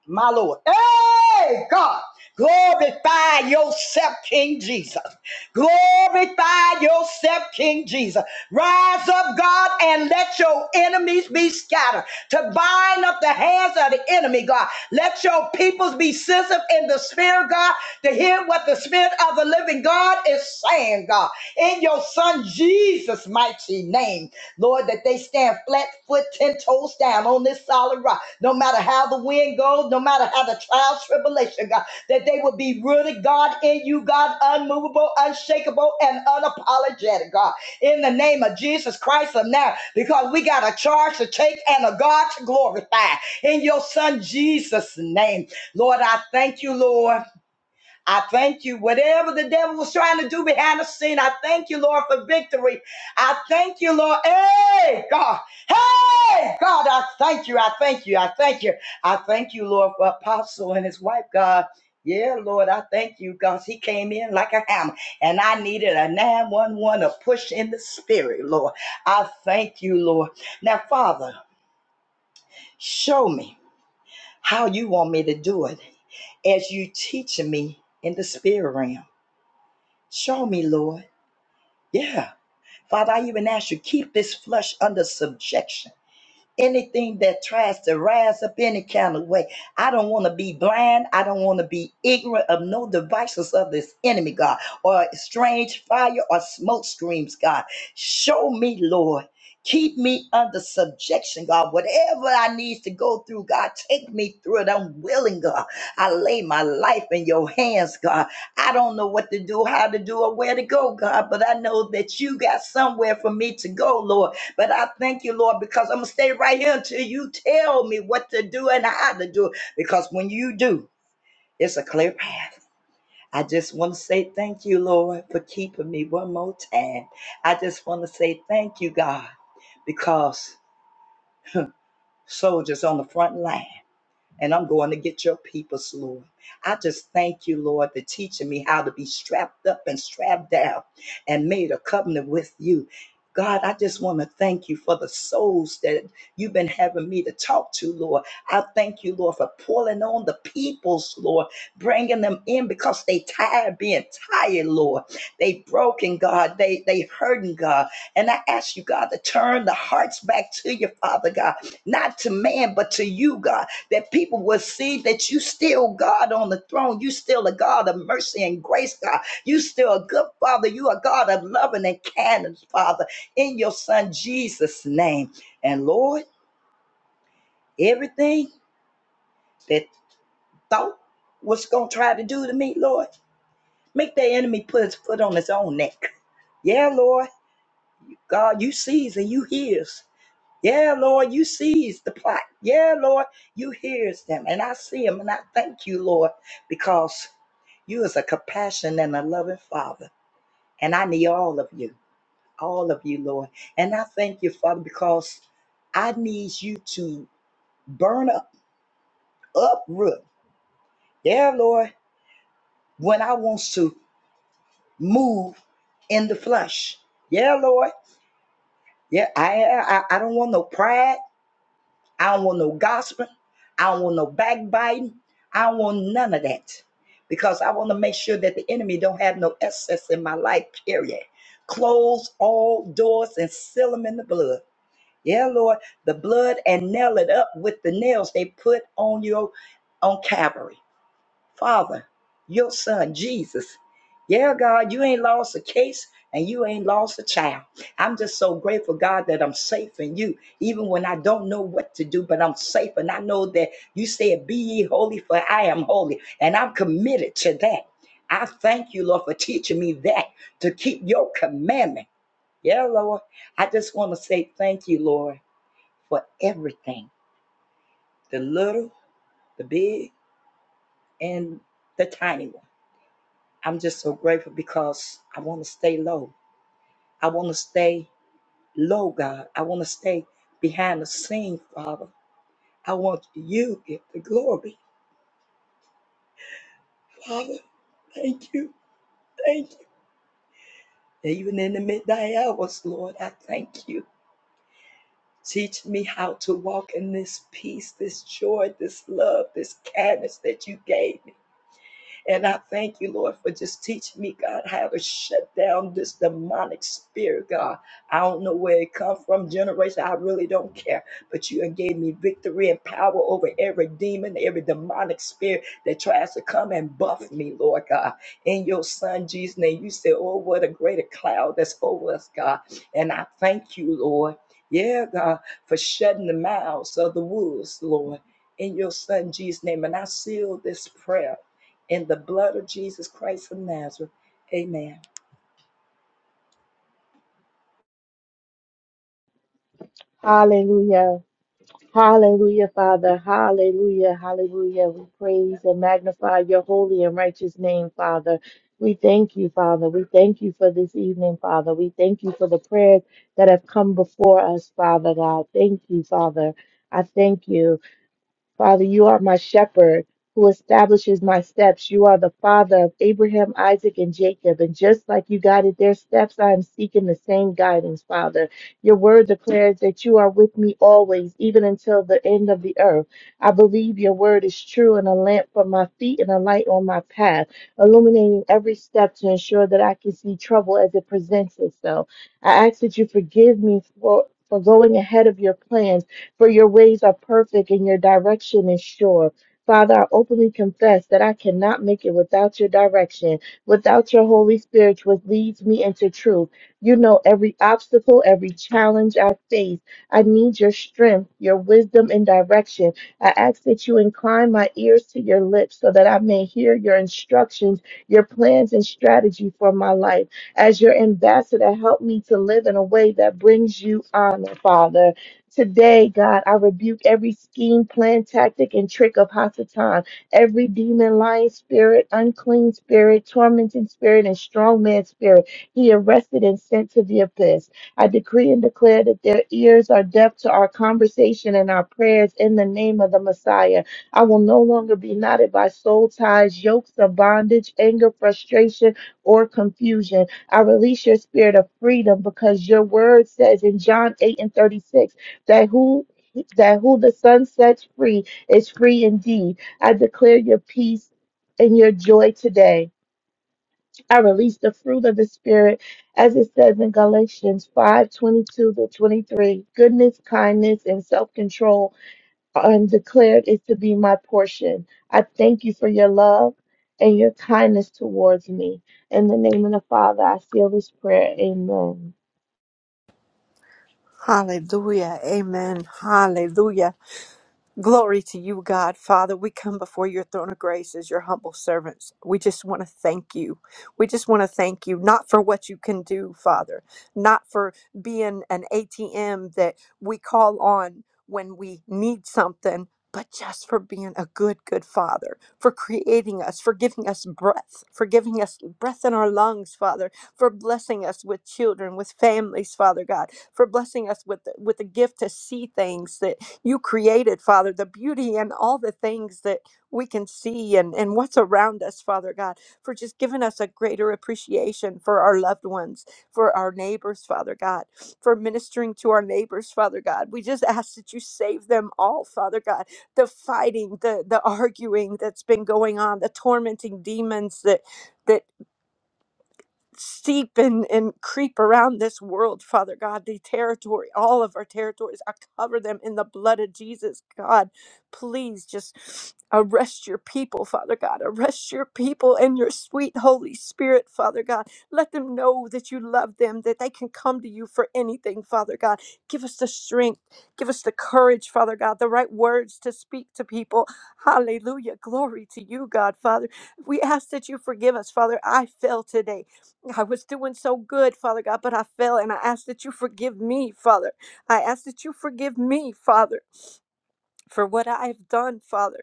S4: my Lord. Hey, God, glorify yourself, King Jesus. Glorify yourself, King Jesus. Rise up, God, and let your enemies be scattered. To bind up the hands of the enemy, God. Let your peoples be sensitive in the Spirit, God, to hear what the Spirit of the living God is saying, God. In your Son Jesus' mighty name, Lord, that they stand stand flat foot, ten toes down on this solid rock. No matter how the wind goes, no matter how the trials, tribulation, God, that they will be rooted, God, in you, God, unmovable, unshakable, and unapologetic, God. In the name of Jesus Christ of now, because we got a charge to take and a God to glorify. In your son Jesus' name. Lord, I thank you, Lord. I thank you. Whatever the devil was trying to do behind the scene, I thank you, Lord, for victory. I thank you, Lord. Hey, God. Hey, God, I thank you. I thank you. I thank you. I thank you, Lord, for Apostle and his wife, God. Yeah, Lord, I thank you because he came in like a hammer and I needed a 911 to push in the spirit, Lord. I thank you, Lord. Now, Father, show me how you want me to do it as you teach me in the spirit realm. Show me, Lord. Yeah. Father, I even ask you, keep this flesh under subjection anything that tries to rise up any kind of way. I don't want to be blind. I don't want to be ignorant of no devices of this enemy, God, or strange fire or smoke screams, God. Show me, Lord. Keep me under subjection, God. Whatever I need to go through, God, take me through it. I'm willing, God. I lay my life in your hands, God. I don't know what to do, how to do, or where to go, God, but I know that you got somewhere for me to go, Lord. But I thank you, Lord, because I'm going to stay right here until you tell me what to do and how to do it. Because when you do, it's a clear path. I just want to say thank you, Lord, for keeping me one more time. I just want to say thank you, God, because soldiers on the front line and I'm going to get your peoples, Lord. I just thank you, Lord, for teaching me how to be strapped up and strapped down and made a covenant with you. God, I just want to thank you for the souls that you've been having me to talk to, Lord. I thank you, Lord, for pulling on the peoples, Lord, bringing them in because they tired being tired, Lord. They broken, God. They they hurting, God. And I ask you, God, to turn the hearts back to you, Father God, not to man, but to you, God that people will see that you still God on the throne. You still a God of mercy and grace, God. You still a good Father. You a God of loving and kindness, Father, in your Son Jesus' name. And Lord, everything that thought was going to try to do to me, Lord, make the enemy put his foot on his own neck. Yeah, Lord, God, you sees and you hears. Yeah, Lord, you sees the plot. Yeah, Lord, you hears them. And I see them and I thank you, Lord, because you is a compassionate and a loving Father. And I need all of you, all of you, Lord. And I thank you, Father, because I need you to burn up, uproot. Yeah, Lord, when I wants to move in the flesh. Yeah, Lord. Yeah, I I, I don't want no pride. I don't want no gossiping. I don't want no backbiting. I don't want none of that because I want to make sure that the enemy don't have no access in my life, period. Close all doors and seal them in the blood. Yeah, Lord, the blood and nail it up with the nails they put on your on Calvary. Father, your son Jesus. Yeah, God, you ain't lost a case and you ain't lost a child. I'm just so grateful, God, that I'm safe in you, even when I don't know what to do, but I'm safe. And I know that you said, Be ye holy, for I am holy. And I'm committed to that. I thank you, Lord, for teaching me that to keep your commandment. Yeah, Lord. I just want to say thank you, Lord, for everything the little, the big, and the tiny one. I'm just so grateful because I want to stay low. I want to stay low, God. I want to stay behind the scene, Father. I want you to get the glory. Father, thank you. Thank you. Even in the midnight hours, Lord, I thank you. Teach me how to walk in this peace, this joy, this love, this kindness that you gave me. And I thank you, Lord, for just teaching me, God, how to shut down this demonic spirit, God. I don't know where it comes from, generation. I really don't care. But you gave me victory and power over every demon, every demonic spirit that tries to come and buff me, Lord God. In your son Jesus' name, you said, Oh, what a greater cloud that's over us, God. And I thank you, Lord. Yeah, God, for shutting the mouths of the wolves, Lord. In your son Jesus' name. And I seal this prayer. In the blood of Jesus Christ of Nazareth. Amen.
S5: Hallelujah. Hallelujah, Father. Hallelujah. Hallelujah. We praise and magnify your holy and righteous name, Father. We thank you, Father. We thank you for this evening, Father. We thank you for the prayers that have come before us, Father God. Thank you, Father. I thank you. Father, you are my shepherd who establishes my steps. You are the father of Abraham, Isaac, and Jacob. And just like you guided their steps, I am seeking the same guidance, Father. Your word declares that you are with me always, even until the end of the earth. I believe your word is true and a lamp for my feet and a light on my path, illuminating every step to ensure that I can see trouble as it presents itself. I ask that you forgive me for, for going ahead of your plans for your ways are perfect and your direction is sure. Father, I openly confess that I cannot make it without your direction, without your Holy Spirit, which leads me into truth. You know every obstacle, every challenge I face. I need your strength, your wisdom, and direction. I ask that you incline my ears to your lips so that I may hear your instructions, your plans, and strategy for my life. As your ambassador, help me to live in a way that brings you honor, Father. Today, God, I rebuke every scheme, plan, tactic, and trick of Hasatan, every demon, lying spirit, unclean spirit, tormenting spirit, and strong man spirit. He arrested and sent to the abyss. I decree and declare that their ears are deaf to our conversation and our prayers in the name of the Messiah. I will no longer be knotted by soul ties, yokes of bondage, anger, frustration, or confusion. I release your spirit of freedom because your word says in John 8 and 36 that who that who the sun sets free is free indeed. I declare your peace and your joy today. I release the fruit of the spirit as it says in Galatians 5:22 to 23. Goodness, kindness, and self-control are declared is to be my portion. I thank you for your love and your kindness towards me. In the name of the Father, I seal this prayer. Amen.
S6: Hallelujah. Amen. Hallelujah. Glory to you, God. Father, we come before your throne of grace as your humble servants. We just want to thank you. We just want to thank you, not for what you can do, Father, not for being an ATM that we call on when we need something, but just for being a good, good Father, for creating us, for giving us breath, for giving us breath in our lungs, Father, for blessing us with children, with families, Father God, for blessing us with, with the gift to see things, you created, Father, the beauty and all the things that we can see and, and what's around us, Father God, for just giving us a greater appreciation for our loved ones, for our neighbors, Father God, for ministering to our neighbors, Father God. We just ask that you save them all, Father God. The fighting, the the arguing that's been going on, the tormenting demons that. that seep and, and creep around this world, Father God, the territory, all of our territories. I cover them in the blood of Jesus, God. Please just arrest your people, Father God. Arrest your people and your sweet Holy Spirit, Father God. Let them know that you love them, that they can come to you for anything, Father God. Give us the strength, give us the courage, Father God, the right words to speak to people. Hallelujah. Glory to you, God, Father. We ask that you forgive us, Father. I fell today. I was doing so good, Father God, but I fell and I ask that you forgive me, Father. I ask that you forgive me, Father, for what I have done, Father,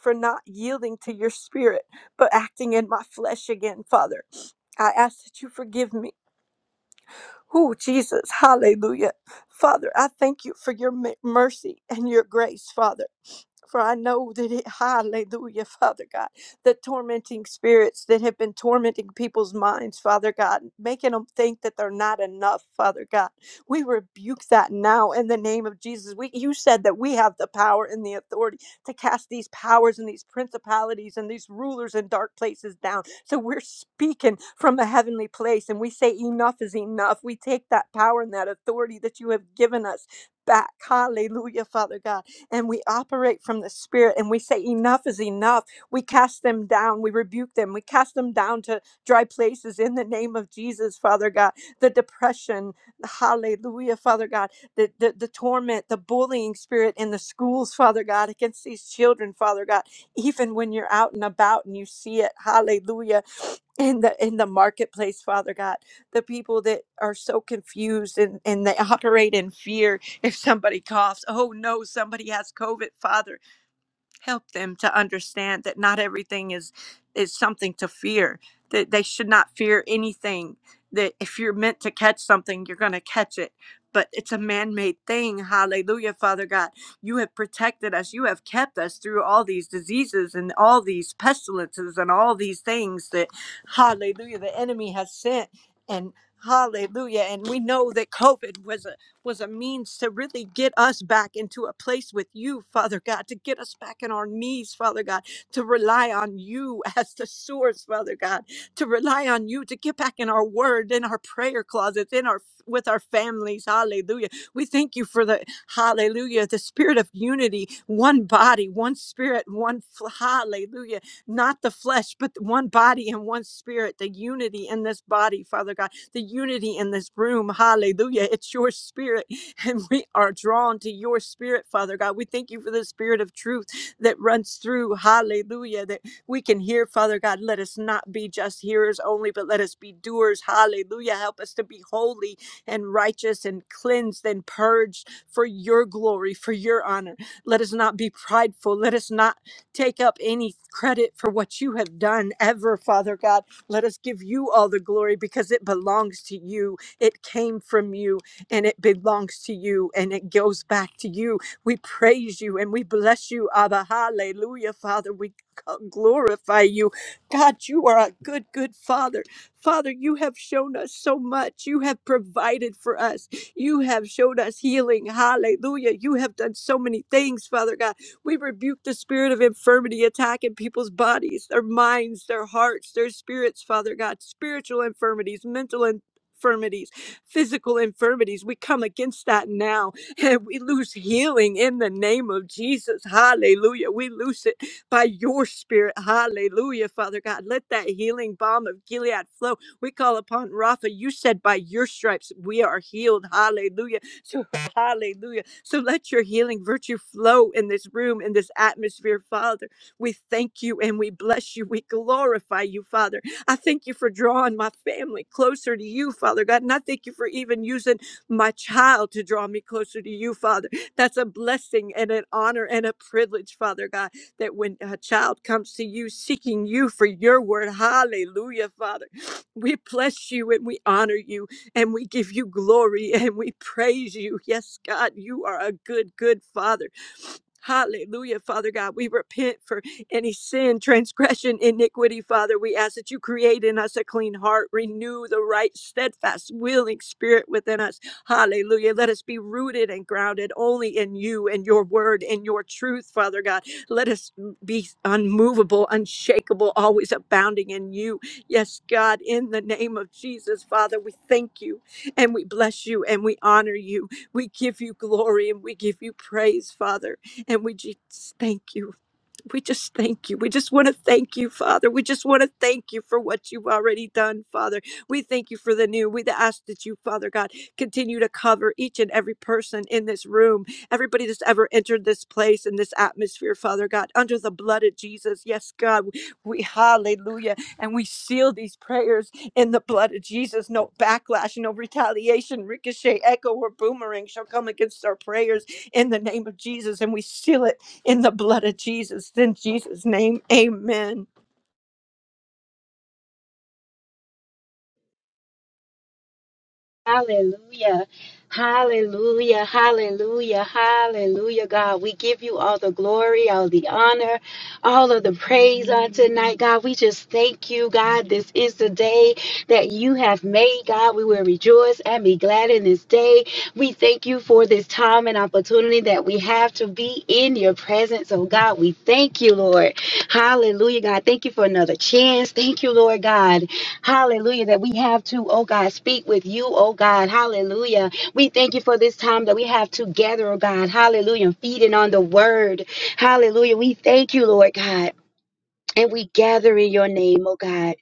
S6: for not yielding to your spirit, but acting in my flesh again, Father. I ask that you forgive me. Oh, Jesus, hallelujah. Father, I thank you for your m- mercy and your grace, Father. For I know that it, hallelujah, Father God, the tormenting spirits that have been tormenting people's minds, Father God, making them think that they're not enough, Father God. We rebuke that now in the name of Jesus. We, you said that we have the power and the authority to cast these powers and these principalities and these rulers in dark places down. So we're speaking from a heavenly place and we say, enough is enough. We take that power and that authority that you have given us back. Hallelujah, Father God and we operate from the spirit and we say enough is enough we cast them down we rebuke them we cast them down to dry places in the name of jesus father god the depression hallelujah father god the, the, the torment the bullying spirit in the schools father god against these children father god even when you're out and about and you see it hallelujah in the in the marketplace father god the people that are so confused and and they operate in fear if somebody coughs, oh no, somebody has COVID, Father, help them to understand that not everything is is something to fear. That they should not fear anything. That if you're meant to catch something, you're going to catch it. But it's a man-made thing. Hallelujah, Father God. You have protected us. You have kept us through all these diseases and all these pestilences and all these things that hallelujah the enemy has sent and Hallelujah. And we know that COVID was a was a means to really get us back into a place with you, Father God, to get us back on our knees, Father God, to rely on you as the source, Father God, to rely on you to get back in our word, in our prayer closets, in our with our families. Hallelujah. We thank you for the hallelujah, the spirit of unity, one body, one spirit, one fl- hallelujah, not the flesh, but one body and one spirit, the unity in this body, Father God the unity in this room. Hallelujah. It's your spirit, and we are drawn to your spirit, Father God. We thank you for the spirit of truth that runs through. Hallelujah. That we can hear, Father God. Let us not be just hearers only, but let us be doers. Hallelujah. Help us to be holy and righteous and cleansed and purged for your glory, for your honor. Let us not be prideful. Let us not take up any credit for what you have done ever, Father God. Let us give you all the glory because it belongs to you. It came from you and it belongs to you and it goes back to you. We praise you and we bless you, Abba. Hallelujah, Father. We glorify you. God, you are a good, good Father. Father, you have shown us so much. You have provided for us. You have showed us healing. Hallelujah. You have done so many things, Father God. We rebuke the spirit of infirmity attacking people's bodies, their minds, their hearts, their spirits, Father God, spiritual infirmities, mental infirmities, infirmities, physical infirmities. We come against that now and we lose healing in the name of Jesus. Hallelujah. We loose it by your spirit. Hallelujah, Father God. Let that healing balm of Gilead flow. We call upon Rapha. You said by your stripes we are healed. Hallelujah. So, hallelujah. So, let your healing virtue flow in this room, in this atmosphere, Father. We thank you and we bless you. We glorify you, Father. I thank you for drawing my family closer to you, Father God. And I thank you for even using my child to draw me closer to you, Father. That's a blessing and an honor and a privilege, Father God, that when a child comes to you seeking you for your word, hallelujah, Father. We bless you and we honor you and we give you glory and we praise you. Yes, God, you are a good, good Father. Hallelujah, Father God. We repent for any sin, transgression, iniquity, Father. We ask that you create in us a clean heart, renew the right, steadfast, willing spirit within us. Hallelujah. Let us be rooted and grounded only in you and your word and your truth, Father God. Let us be unmovable, unshakable, always abounding in you. Yes, God, in the name of Jesus, Father, we thank you and we bless you and we honor you. We give you glory and we give you praise, Father. And we just thank you just we just thank you. We just want to thank you, Father. We just want to thank you for what you've already done, Father. We thank you for the new. We ask that you, Father God, continue to cover each and every person in this room, everybody that's ever entered this place and this atmosphere, Father God, under the blood of Jesus. Yes, God, we hallelujah. And we seal these prayers in the blood of Jesus. No backlash, no retaliation, ricochet, echo, or boomerang shall come against our prayers in the name of Jesus. And we seal it in the blood of Jesus. In Jesus' name, amen.
S7: Hallelujah. Hallelujah. Hallelujah. Hallelujah. God, we give you all the glory, all the honor, all of the praise on tonight. God, we just thank you, God. This is the day that you have made, God. We will rejoice and be glad in this day. We thank you for this time and opportunity that we have to be in your presence. Oh, God, we thank you, Lord. Hallelujah, God. Thank you for another chance. Thank you, Lord God Hallelujah. That we have to, oh God, speak with you, oh God. Hallelujah. We thank you for this time that we have together, oh God. Hallelujah. Feeding on the word. Hallelujah. We thank you, Lord God. And we gather in your name, oh God.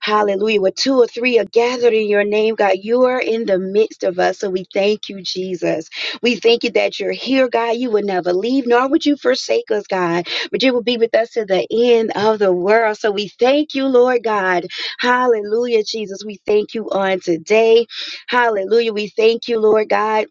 S7: Hallelujah. Where two or three are gathered in your name, God, you are in the midst of us. So we thank you, Jesus. We thank you that you're here, God. You would never leave, nor would you forsake us, God, but you will be with us to the end of the world. So we thank you, Lord God. Hallelujah, Jesus. We thank you on today. Hallelujah. We thank you, Lord God.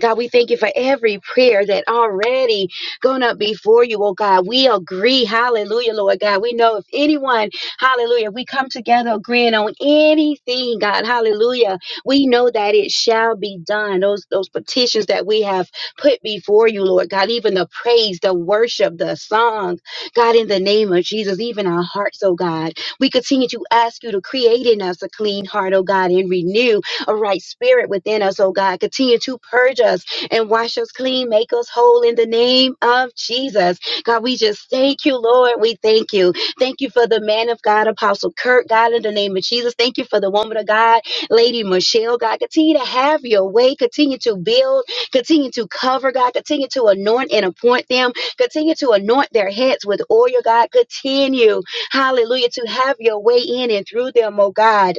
S7: God, we thank you for every prayer that already gone up before you, oh God. We agree, hallelujah, Lord God. We know if anyone, hallelujah, we come together agreeing on anything, God, hallelujah. We know that it shall be done. Those those petitions that we have put before you, Lord God, even the praise, the worship, the songs, God, in the name of Jesus, even our hearts, oh God. We continue to ask you to create in us a clean heart, oh God, and renew a right spirit within us, oh God. Continue to purge us and wash us clean, make us whole in the name of Jesus. God, we just thank you, Lord. We thank you. Thank you for the man of God, Apostle Kirk, God, in the name of Jesus. Thank you for the woman of God, Lady Michelle, God. Continue to have your way. Continue to build. Continue to cover, God. Continue to anoint and appoint them. Continue to anoint their heads with oil, God. Continue, hallelujah, to have your way in and through them, oh God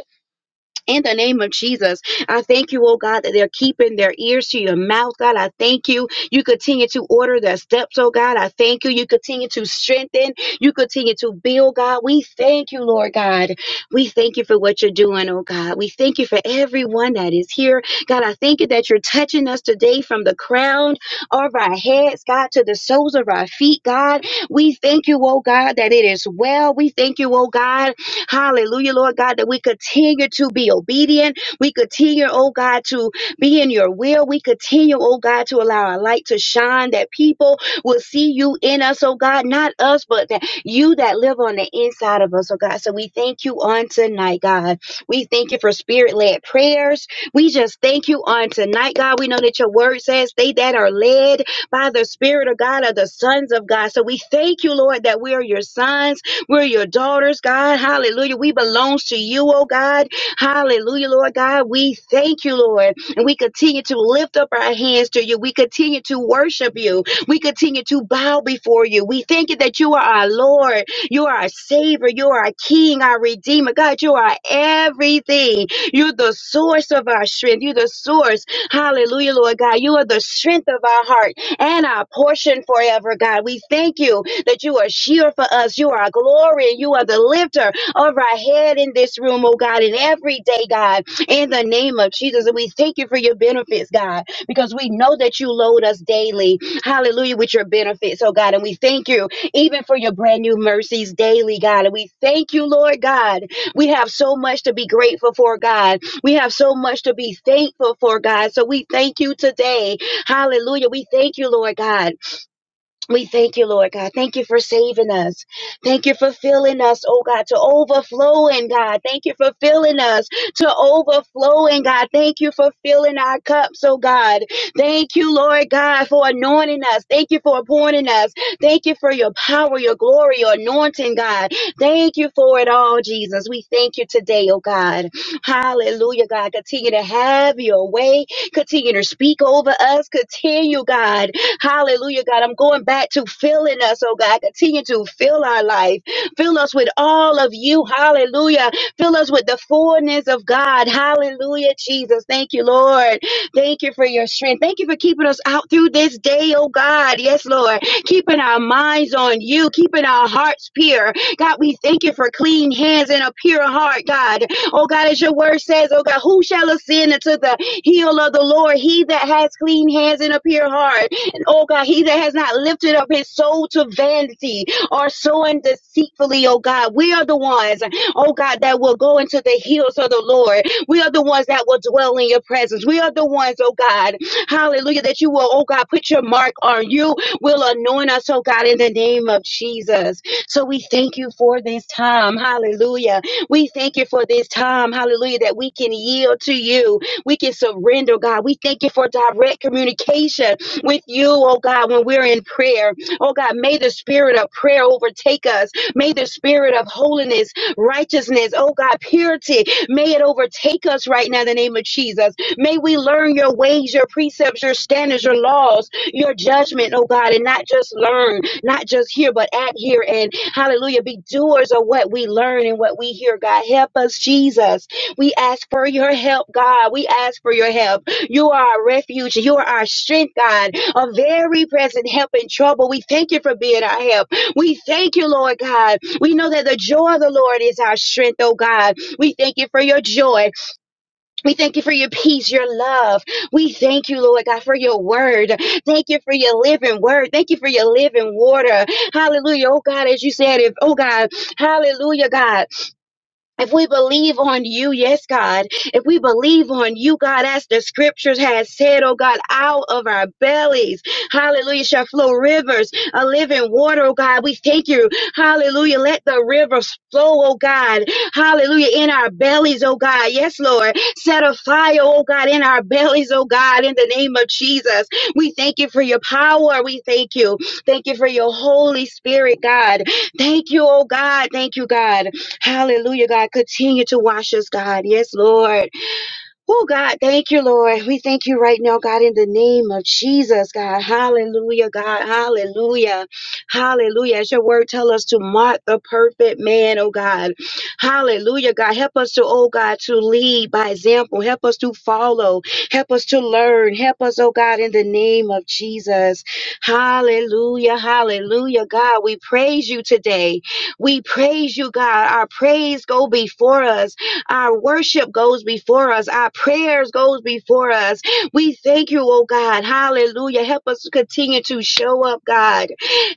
S7: in the name of Jesus. I thank you, oh God, that they're keeping their ears to your mouth, God. I thank you. You continue to order their steps, oh God. I thank you. You continue to strengthen. You continue to build, God. We thank you, Lord God. We thank you for what you're doing, oh God. We thank you for everyone that is here. God, I thank you that you're touching us today from the crown of our heads, God, to the soles of our feet, God. We thank you, oh God, that it is well. We thank you, oh God, Hallelujah, Lord God, that we continue to be obedient. We continue, oh God, to be in your will. We continue, oh God, to allow our light to shine that people will see you in us, oh God, not us, but that you that live on the inside of us, oh God. So we thank you on tonight, God. We thank you for spirit led prayers. We just thank you on tonight, God. We know that your word says they that are led by the Spirit of God are the sons of God. So we thank you, Lord, that we are your sons we're your daughters, God. Hallelujah. We belong to you, oh God. Hallelujah, Lord God. We thank you, Lord. And we continue to lift up our hands to you. We continue to worship you. We continue to bow before you. We thank you that you are our Lord. You are our Savior. You are our King, our Redeemer. God, you are everything. You're the source of our strength. You're the source. Hallelujah, Lord God. You are the strength of our heart and our portion forever, God. We thank you that you are sheer for us. You are a glory and you are the lifter of our head in this room, oh God, and every day, God, in the name of Jesus. And we thank you for your benefits, God, because we know that you load us daily. Hallelujah, with your benefits, oh God. And we thank you even for your brand new mercies daily, God. And we thank you, Lord God. We have so much to be grateful for, God. We have so much to be thankful for, God. So we thank you today. Hallelujah. We thank you, Lord God. We thank you, Lord God. Thank you for saving us. Thank you for filling us, oh God, to overflowing, God. Thank you for filling us to overflowing, God. Thank you for filling our cups, oh God. Thank you, Lord God, for anointing us. Thank you for appointing us. Thank you for your power, your glory, your anointing, God. Thank you for it all, Jesus. We thank you today, oh God. Hallelujah, God. Continue to have your way. Continue to speak over us. Continue, God Hallelujah, God. I'm going back to filling us, oh God. Continue to fill our life. Fill us with all of you. Hallelujah. Fill us with the fullness of God. Hallelujah, Jesus. Thank you, Lord. Thank you for your strength. Thank you for keeping us out through this day, oh God. Yes, Lord. Keeping our minds on you, keeping our hearts pure. God, we thank you for clean hands and a pure heart, God. Oh God, as your word says, oh God, who shall ascend into the hill of the Lord? He that has clean hands and a pure heart oh God, he that has not lifted up his soul to vanity or sowing deceitfully, oh God. We are the ones, oh God, that will go into the hills of the Lord. We are the ones that will dwell in your presence. We are the ones, oh God, hallelujah, that you will, oh God, put your mark on you, will anoint us, oh God, in the name of Jesus. So we thank you for this time, hallelujah. We thank you for this time, hallelujah, that we can yield to you. We can surrender, God. We thank you for direct communication with you, oh God, when we're in prayer. Oh God, may the spirit of prayer overtake us. May the spirit of holiness, righteousness, oh God, purity, may it overtake us right now in the name of Jesus. May we learn your ways, your precepts, your standards, your laws, your judgment, oh God, and not just learn, not just hear, but act here and hallelujah, be doers of what we learn and what we hear, God. Help us, Jesus. We ask for your help, God. We ask for your help. You are our refuge. You are our strength, God, a very present help in trouble. We thank you for being our help. We thank you, Lord God. We know that the joy of the Lord is our strength, oh God. We thank you for your joy. We thank you for your peace, your love. We thank you, Lord God, for your word. Thank you for your living word. Thank you for your living water. Hallelujah. Oh God, as you said, if oh God, hallelujah, God. If we believe on you, yes, God. If we believe on you, God, as the scriptures has said, oh God, out of our bellies, hallelujah, shall flow rivers of living water, oh God. We thank you, hallelujah. Let the rivers flow, oh God, hallelujah, in our bellies, oh God. Yes, Lord. Set a fire, oh God, in our bellies, oh God, in the name of Jesus. We thank you for your power. We thank you. Thank you for your Holy Spirit, God. Thank you, oh God. Thank you, God. Hallelujah, God. Continue to wash us, God. Yes, Lord. Oh, God, thank you, Lord. We thank you right now, God, in the name of Jesus, God. Hallelujah, God. Hallelujah. Hallelujah. As your word tell us to mark the perfect man, oh God. Hallelujah, God. Help us to, oh God, to lead by example. Help us to follow. Help us to learn. Help us, oh God, in the name of Jesus. Hallelujah. Hallelujah, God. We praise you today. We praise you, God. Our praise go before us. Our worship goes before us. Our prayers goes before us. We thank you, oh God. Hallelujah. Help us to continue to show up, God.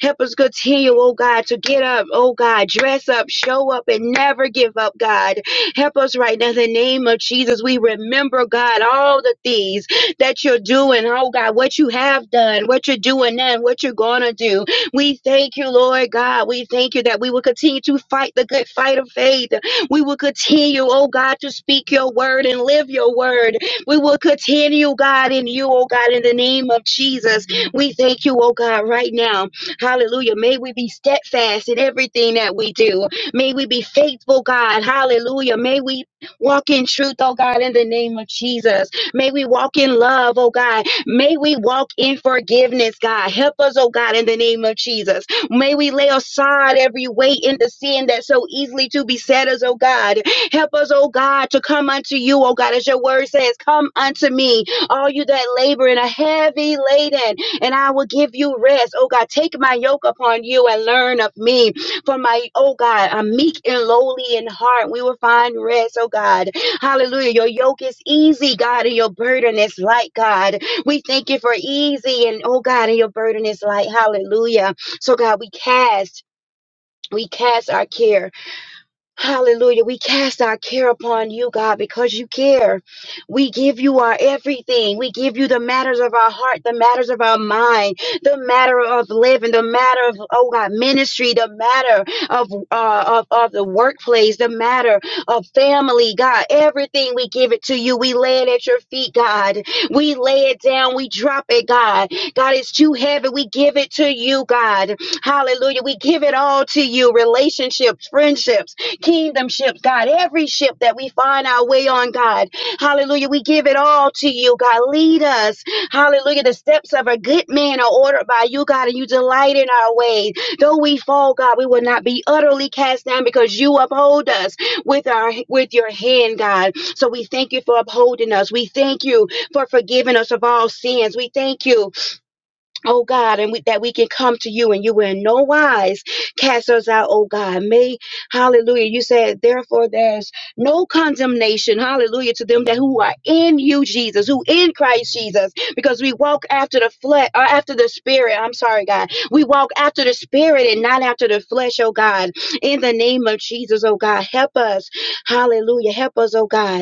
S7: Help us continue, oh God, to get up, oh God, dress up, show up, and never give up, God. Help us right now in the name of Jesus. We remember, God, all the things that you're doing, oh God, what you have done, what you're doing now, and what you're going to do. We thank you, Lord God. We thank you that we will continue to fight the good fight of faith. We will continue, oh God, to speak your word and live your word. We will continue, God, in you, oh God, in the name of Jesus. We thank you, oh God, right now. Hallelujah. May we be steadfast in everything that we do. May we be faithful, God. Hallelujah. May we walk in truth, oh God, in the name of Jesus. May we walk in love, oh God. May we walk in forgiveness, God. Help us, oh God, in the name of Jesus. May we lay aside every weight and the sin that so easily to beset us, oh God. Help us, oh God, to come unto you, oh God, as your word says, come unto me, all you that labor and are heavy laden, and I will give you rest. Oh God, take my yoke upon you and learn of me. For my, oh God, I'm meek and lowly in heart. We will find rest, oh God. Hallelujah. Your yoke is easy, God, and your burden is light, God. We thank you for easy and, oh God, and your burden is light. Hallelujah. So, God, we cast, we cast our care Hallelujah. We cast our care upon you, God, because you care. We give you our everything. We give you the matters of our heart, the matters of our mind, the matter of living, the matter of, oh God, ministry, the matter of, uh, of, of the workplace, the matter of family, God. Everything we give it to you. We lay it at your feet, God. We lay it down. We drop it, God. God, it's too heavy. We give it to you, God. Hallelujah. We give it all to you. Relationships, friendships kingdom ships, God, every ship that we find our way on, God. Hallelujah. We give it all to you, God. Lead us. Hallelujah. The steps of a good man are ordered by you, God, and you delight in our ways. Though we fall, God, we will not be utterly cast down because you uphold us with our with your hand, God. So we thank you for upholding us. We thank you for forgiving us of all sins. We thank you Oh God, and we, that we can come to you and you will in no wise cast us out, oh God. May, hallelujah. You said, therefore, there's no condemnation, hallelujah, to them that who are in you, Jesus, who in Christ Jesus, because we walk after the flesh, or after the spirit. I'm sorry, God. We walk after the spirit and not after the flesh, oh God. In the name of Jesus, oh God, help us, hallelujah. Help us, oh God.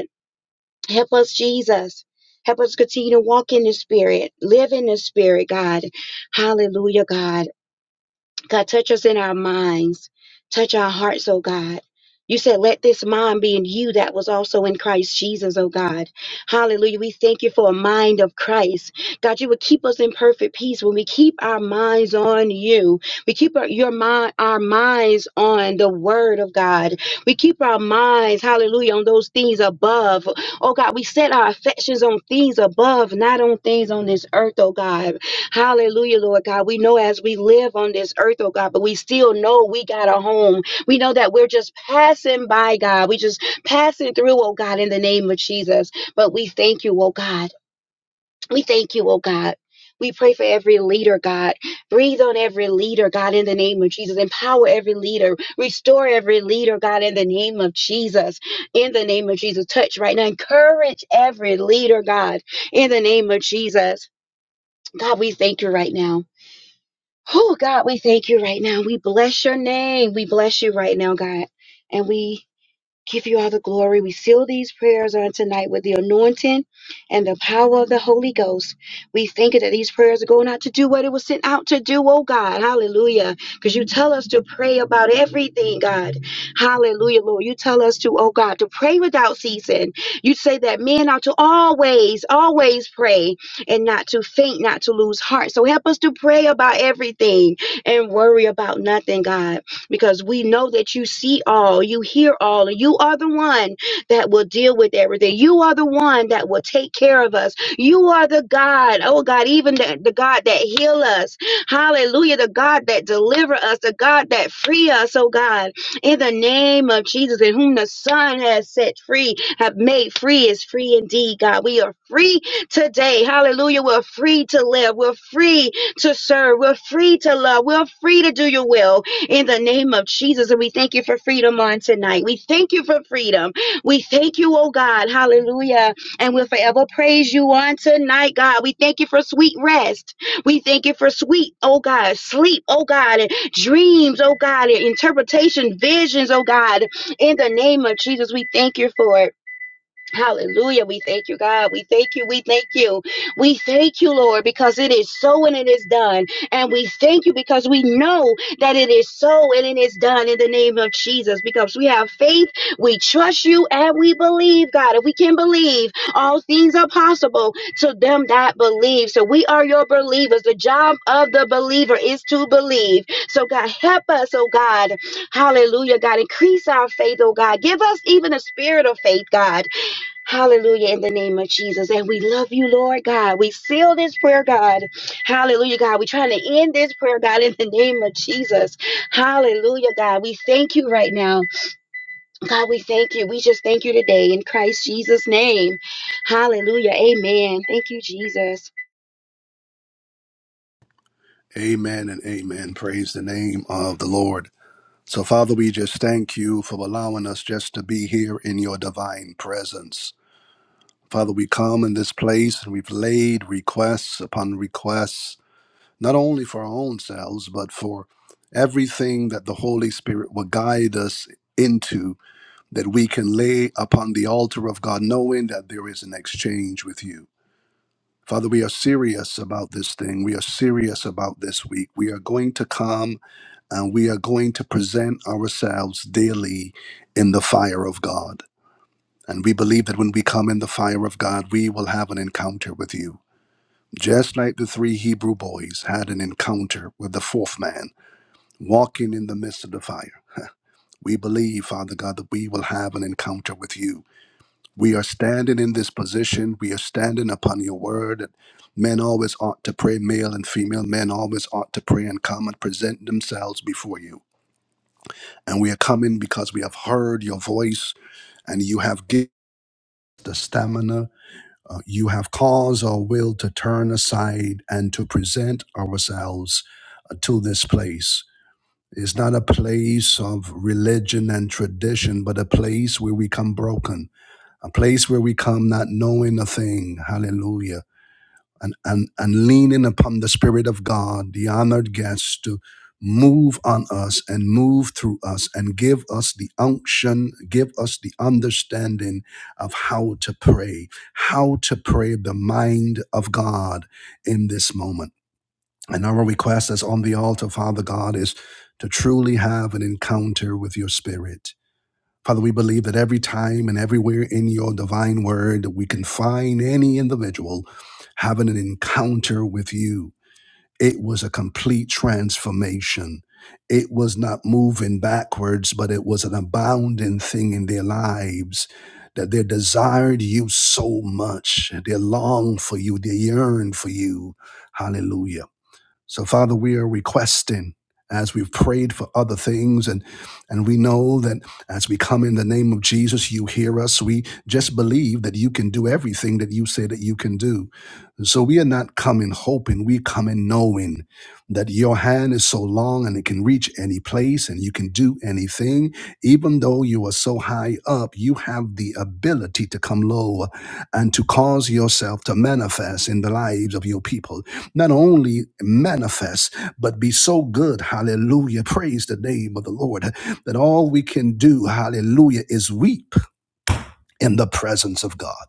S7: Help us, Jesus. Help us continue to walk in the Spirit, live in the Spirit, God. Hallelujah, God. God, touch us in our minds, touch our hearts, oh God. You said, let this mind be in you that was also in Christ Jesus, oh God. Hallelujah. We thank you for a mind of Christ. God, you would keep us in perfect peace when we keep our minds on you. We keep our, your mind, our minds on the word of God. We keep our minds, hallelujah, on those things above. Oh God, we set our affections on things above, not on things on this earth, oh God. Hallelujah, Lord God. We know as we live on this earth, oh God, but we still know we got a home. We know that we're just passing by, God. We just passing through, oh God, in the name of Jesus. But we thank you, oh God. We thank you, oh God. We pray for every leader, God. Breathe on every leader, God, in the name of Jesus. Empower every leader. Restore every leader, God, in the name of Jesus. In the name of Jesus. Touch right now. Encourage every leader, God, in the name of Jesus. God, we thank you right now. Oh, God, we thank you right now. We bless your name. We bless you right now, God. And we Give you all the glory. We seal these prayers on tonight with the anointing and the power of the Holy Ghost. We thank you that these prayers are going out to do what it was sent out to do, oh God. Hallelujah. Because you tell us to pray about everything, God. Hallelujah, Lord. You tell us to, oh God, to pray without ceasing. You say that men are to always, always pray and not to faint, not to lose heart. So help us to pray about everything and worry about nothing, God because we know that you see all, you hear all, and you are the one that will deal with everything. You are the one that will take care of us. You are the God, oh God, even the, the God that heal us. Hallelujah. The God that deliver us, the God that free us, oh God. In the name of Jesus, in whom the Son has set free, have made free is free indeed, God. We are free today. Hallelujah. We're free to live. We're free to serve. We're free to love. We're free to do your will in the name of Jesus. And we thank you for freedom on tonight. We thank you for freedom. We thank you, oh God. Hallelujah. And we'll forever praise you on tonight, God. We thank you for sweet rest. We thank you for sweet, oh God, sleep, oh God, and dreams, oh God, and interpretation, visions, oh God. In the name of Jesus, we thank you for it. Hallelujah. We thank you, God. We thank you. We thank you. We thank you, Lord, because it is so and it is done. And we thank you because we know that it is so and it is done in the name of Jesus. Because we have faith, we trust you, and we believe, God. If we can believe, all things are possible to them that believe. So we are your believers. The job of the believer is to believe. So, God, help us, oh God. Hallelujah, God. Increase our faith, oh God. Give us even a spirit of faith, God Hallelujah, in the name of Jesus. And we love you, Lord God. We seal this prayer, God. Hallelujah, God. We're trying to end this prayer, God, in the name of Jesus. Hallelujah, God. We thank you right now. God, we thank you. We just thank you today in Christ Jesus' name. Hallelujah. Amen. Thank you, Jesus.
S1: Amen and amen. Praise the name of the Lord. So, Father, we just thank you for allowing us just to be here in your divine presence. Father, we come in this place and we've laid requests upon requests not only for our own selves, but for everything that the Holy Spirit will guide us into, that we can lay upon the altar of God, knowing that there is an exchange with you. Father, we are serious about this thing. We are serious about this week. We are going to come and we are going to present ourselves daily in the fire of God. And we believe that when we come in the fire of God, we will have an encounter with you. Just like the three Hebrew boys had an encounter with the fourth man walking in the midst of the fire. We believe, Father God, that we will have an encounter with you. We are standing in this position. We are standing upon your word. that Men always ought to pray, male and female. Men always ought to pray and come and present themselves before you. And we are coming because we have heard your voice and you have given the stamina. uh, you have caused our will to turn aside and to present ourselves uh, to this place It's not a place of religion and tradition, but a place where we come broken, a place where we come not knowing a thing. Hallelujah. And, and, and leaning upon the Spirit of God, the honored guest, to move on us and move through us and give us the unction, give us the understanding of how to pray, how to pray the mind of God in this moment. And our request as on the altar, Father God, is to truly have an encounter with your spirit. Father, we believe that every time and everywhere in your divine word, we can find any individual having an encounter with you. It was a complete transformation. It was not moving backwards, but it was an abounding thing in their lives that they desired you so much. They longed for you, they yearned for you. Hallelujah. So, Father, we are requesting as we've prayed for other things and and we know that as we come in the name of Jesus you hear us we just believe that you can do everything that you say that you can do so we are not coming hoping we come in knowing that your hand is so long and it can reach any place and you can do anything even though you are so high up you have the ability to come low and to cause yourself to manifest in the lives of your people not only manifest, but be so good, hallelujah, praise the name of the Lord, that all we can do, hallelujah, is weep in the presence of God.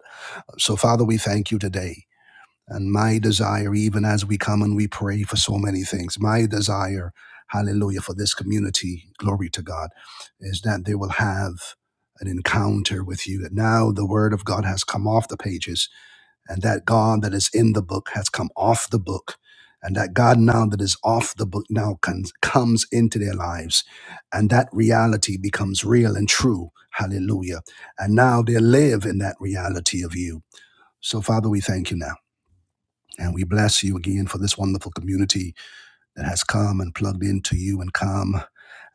S1: So, Father, we thank you today. And my desire, even as we come and we pray for so many things, my desire, hallelujah, for this community, glory to God, is that they will have an encounter with you. That now the word of God has come off the pages and that God that is in the book has come off the book, and that God now that is off the book now con- comes into their lives, and that reality becomes real and true. Hallelujah. And now they live in that reality of you. So, Father, we thank you now. And we bless you again for this wonderful community that has come and plugged into you and come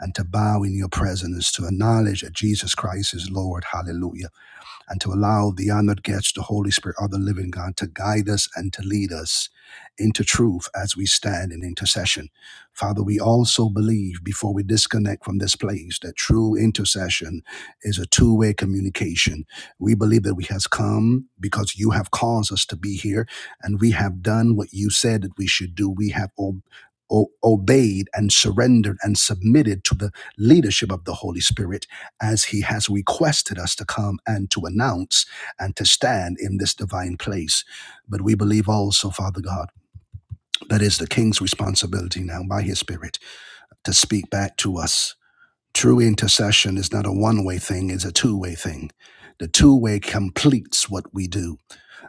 S1: and to bow in your presence, to acknowledge that Jesus Christ is Lord. Hallelujah and to allow the honored guest, the Holy Spirit of the living God, to guide us and to lead us into truth as we stand in intercession. Father, we also believe before we disconnect from this place that true intercession is a two way communication. We believe that we has come because you have caused us to be here and we have done what you said that we should do. We have ob- o- obeyed and surrendered and submitted to the leadership of the Holy Spirit as he has requested us to come and to announce and to stand in this divine place. But we believe also, Father God, that is the King's responsibility now by his Spirit to speak back to us. True intercession is not a one way thing, it's a two way thing. The two way completes what we do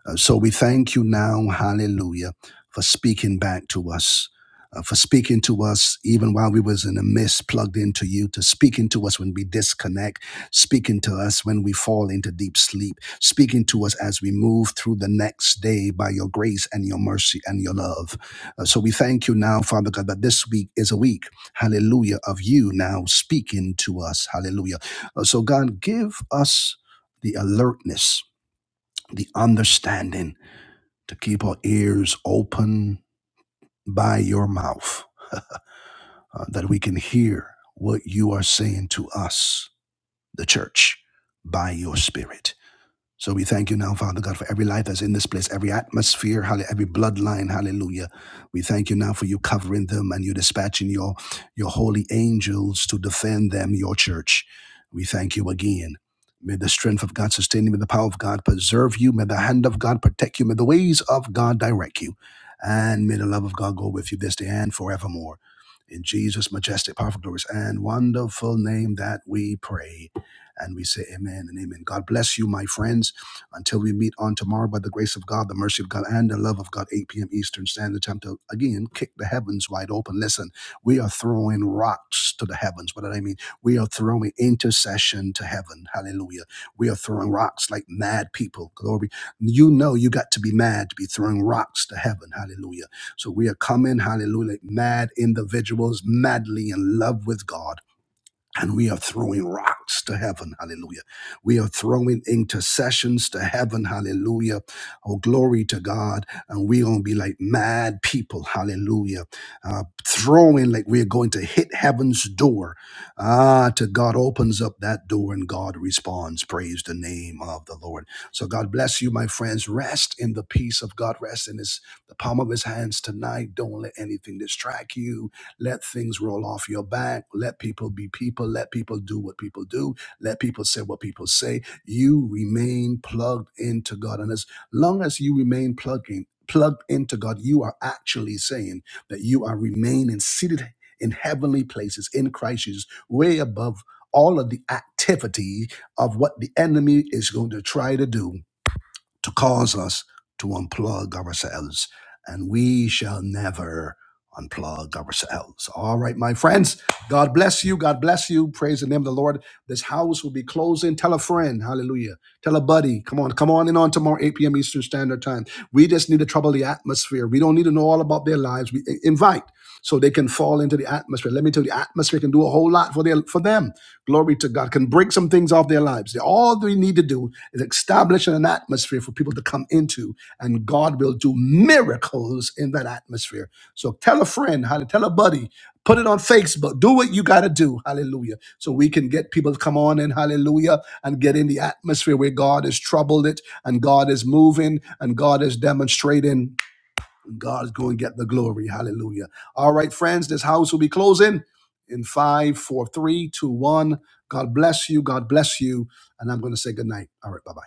S1: uh, so we thank you now, hallelujah, for speaking back to us, uh, for speaking to us even while we was in the mist plugged into you, to speaking to us when we disconnect, speaking to us when we fall into deep sleep, speaking to us as we move through the next day by your grace and your mercy and your love. Uh, so we thank you now, Father God, that this week is a week, hallelujah, of you now speaking to us, hallelujah. Uh, so God, give us the alertness, the understanding, to keep our ears open by your mouth, uh, that we can hear what you are saying to us, the church, by your spirit. So we thank you now, Father God, for every life that's in this place, every atmosphere, hallelujah, every bloodline, hallelujah. We thank you now for you covering them and you dispatching your, your holy angels to defend them, your church. We thank you again. May the strength of God sustain you. May the power of God preserve you. May the hand of God protect you. May the ways of God direct you. And may the love of God go with you this day and forevermore. In Jesus' majestic, powerful, glorious, and wonderful name that we pray. And we say amen and amen. God bless you, my friends. Until we meet on tomorrow, by the grace of God, the mercy of God, and the love of God, 8 p.m. Eastern Standard Time to again kick the heavens wide open. Listen, we are throwing rocks to the heavens. What did I mean? We are throwing intercession to heaven. Hallelujah. We are throwing rocks like mad people. Glory. You know you got to be mad to be throwing rocks to heaven. Hallelujah. So we are coming, hallelujah, like mad individuals, madly in love with God and we are throwing rocks to heaven. Hallelujah. We are throwing intercessions to heaven. Hallelujah. Oh, glory to God. And we're going to be like mad people. Hallelujah. Uh, throwing like we're going to hit heaven's door. Ah, to God opens up that door and God responds. Praise the name of the Lord. So God bless you, my friends. Rest in the peace of God. Rest in his, the palm of his hands tonight. Don't let anything distract you. Let things roll off your back. Let people be people. Let people do what people do. Let people say what people say. You remain plugged into God. And as long as you remain plugged in, plugged into God, you are actually saying that you are remaining seated in heavenly places in Christ Jesus, way above all of the activity of what the enemy is going to try to do to cause us to unplug ourselves. And we shall never unplug ourselves. All right, my friends. God bless you. God bless you. Praise the name of the Lord. This house will be closing. Tell a friend. Hallelujah. Tell a buddy. Come on. Come on in on tomorrow, 8 p.m. Eastern Standard Time. We just need to trouble the atmosphere. We don't need to know all about their lives. We i- invite so they can fall into the atmosphere. Let me tell you, the atmosphere can do a whole lot for their for them glory to God, can break some things off their lives. All they need to do is establish an atmosphere for people to come into, and God will do miracles in that atmosphere. So tell a friend, how to tell a buddy, put it on Facebook, do what you got to do, hallelujah, so we can get people to come on in, hallelujah, and get in the atmosphere where God is troubled it, and God is moving, and God is demonstrating and God's going to get the glory. Hallelujah. All right, friends, this house will be closing in five, four, three, two, one. God bless you. God bless you. And I'm going to say good night. All right, bye bye.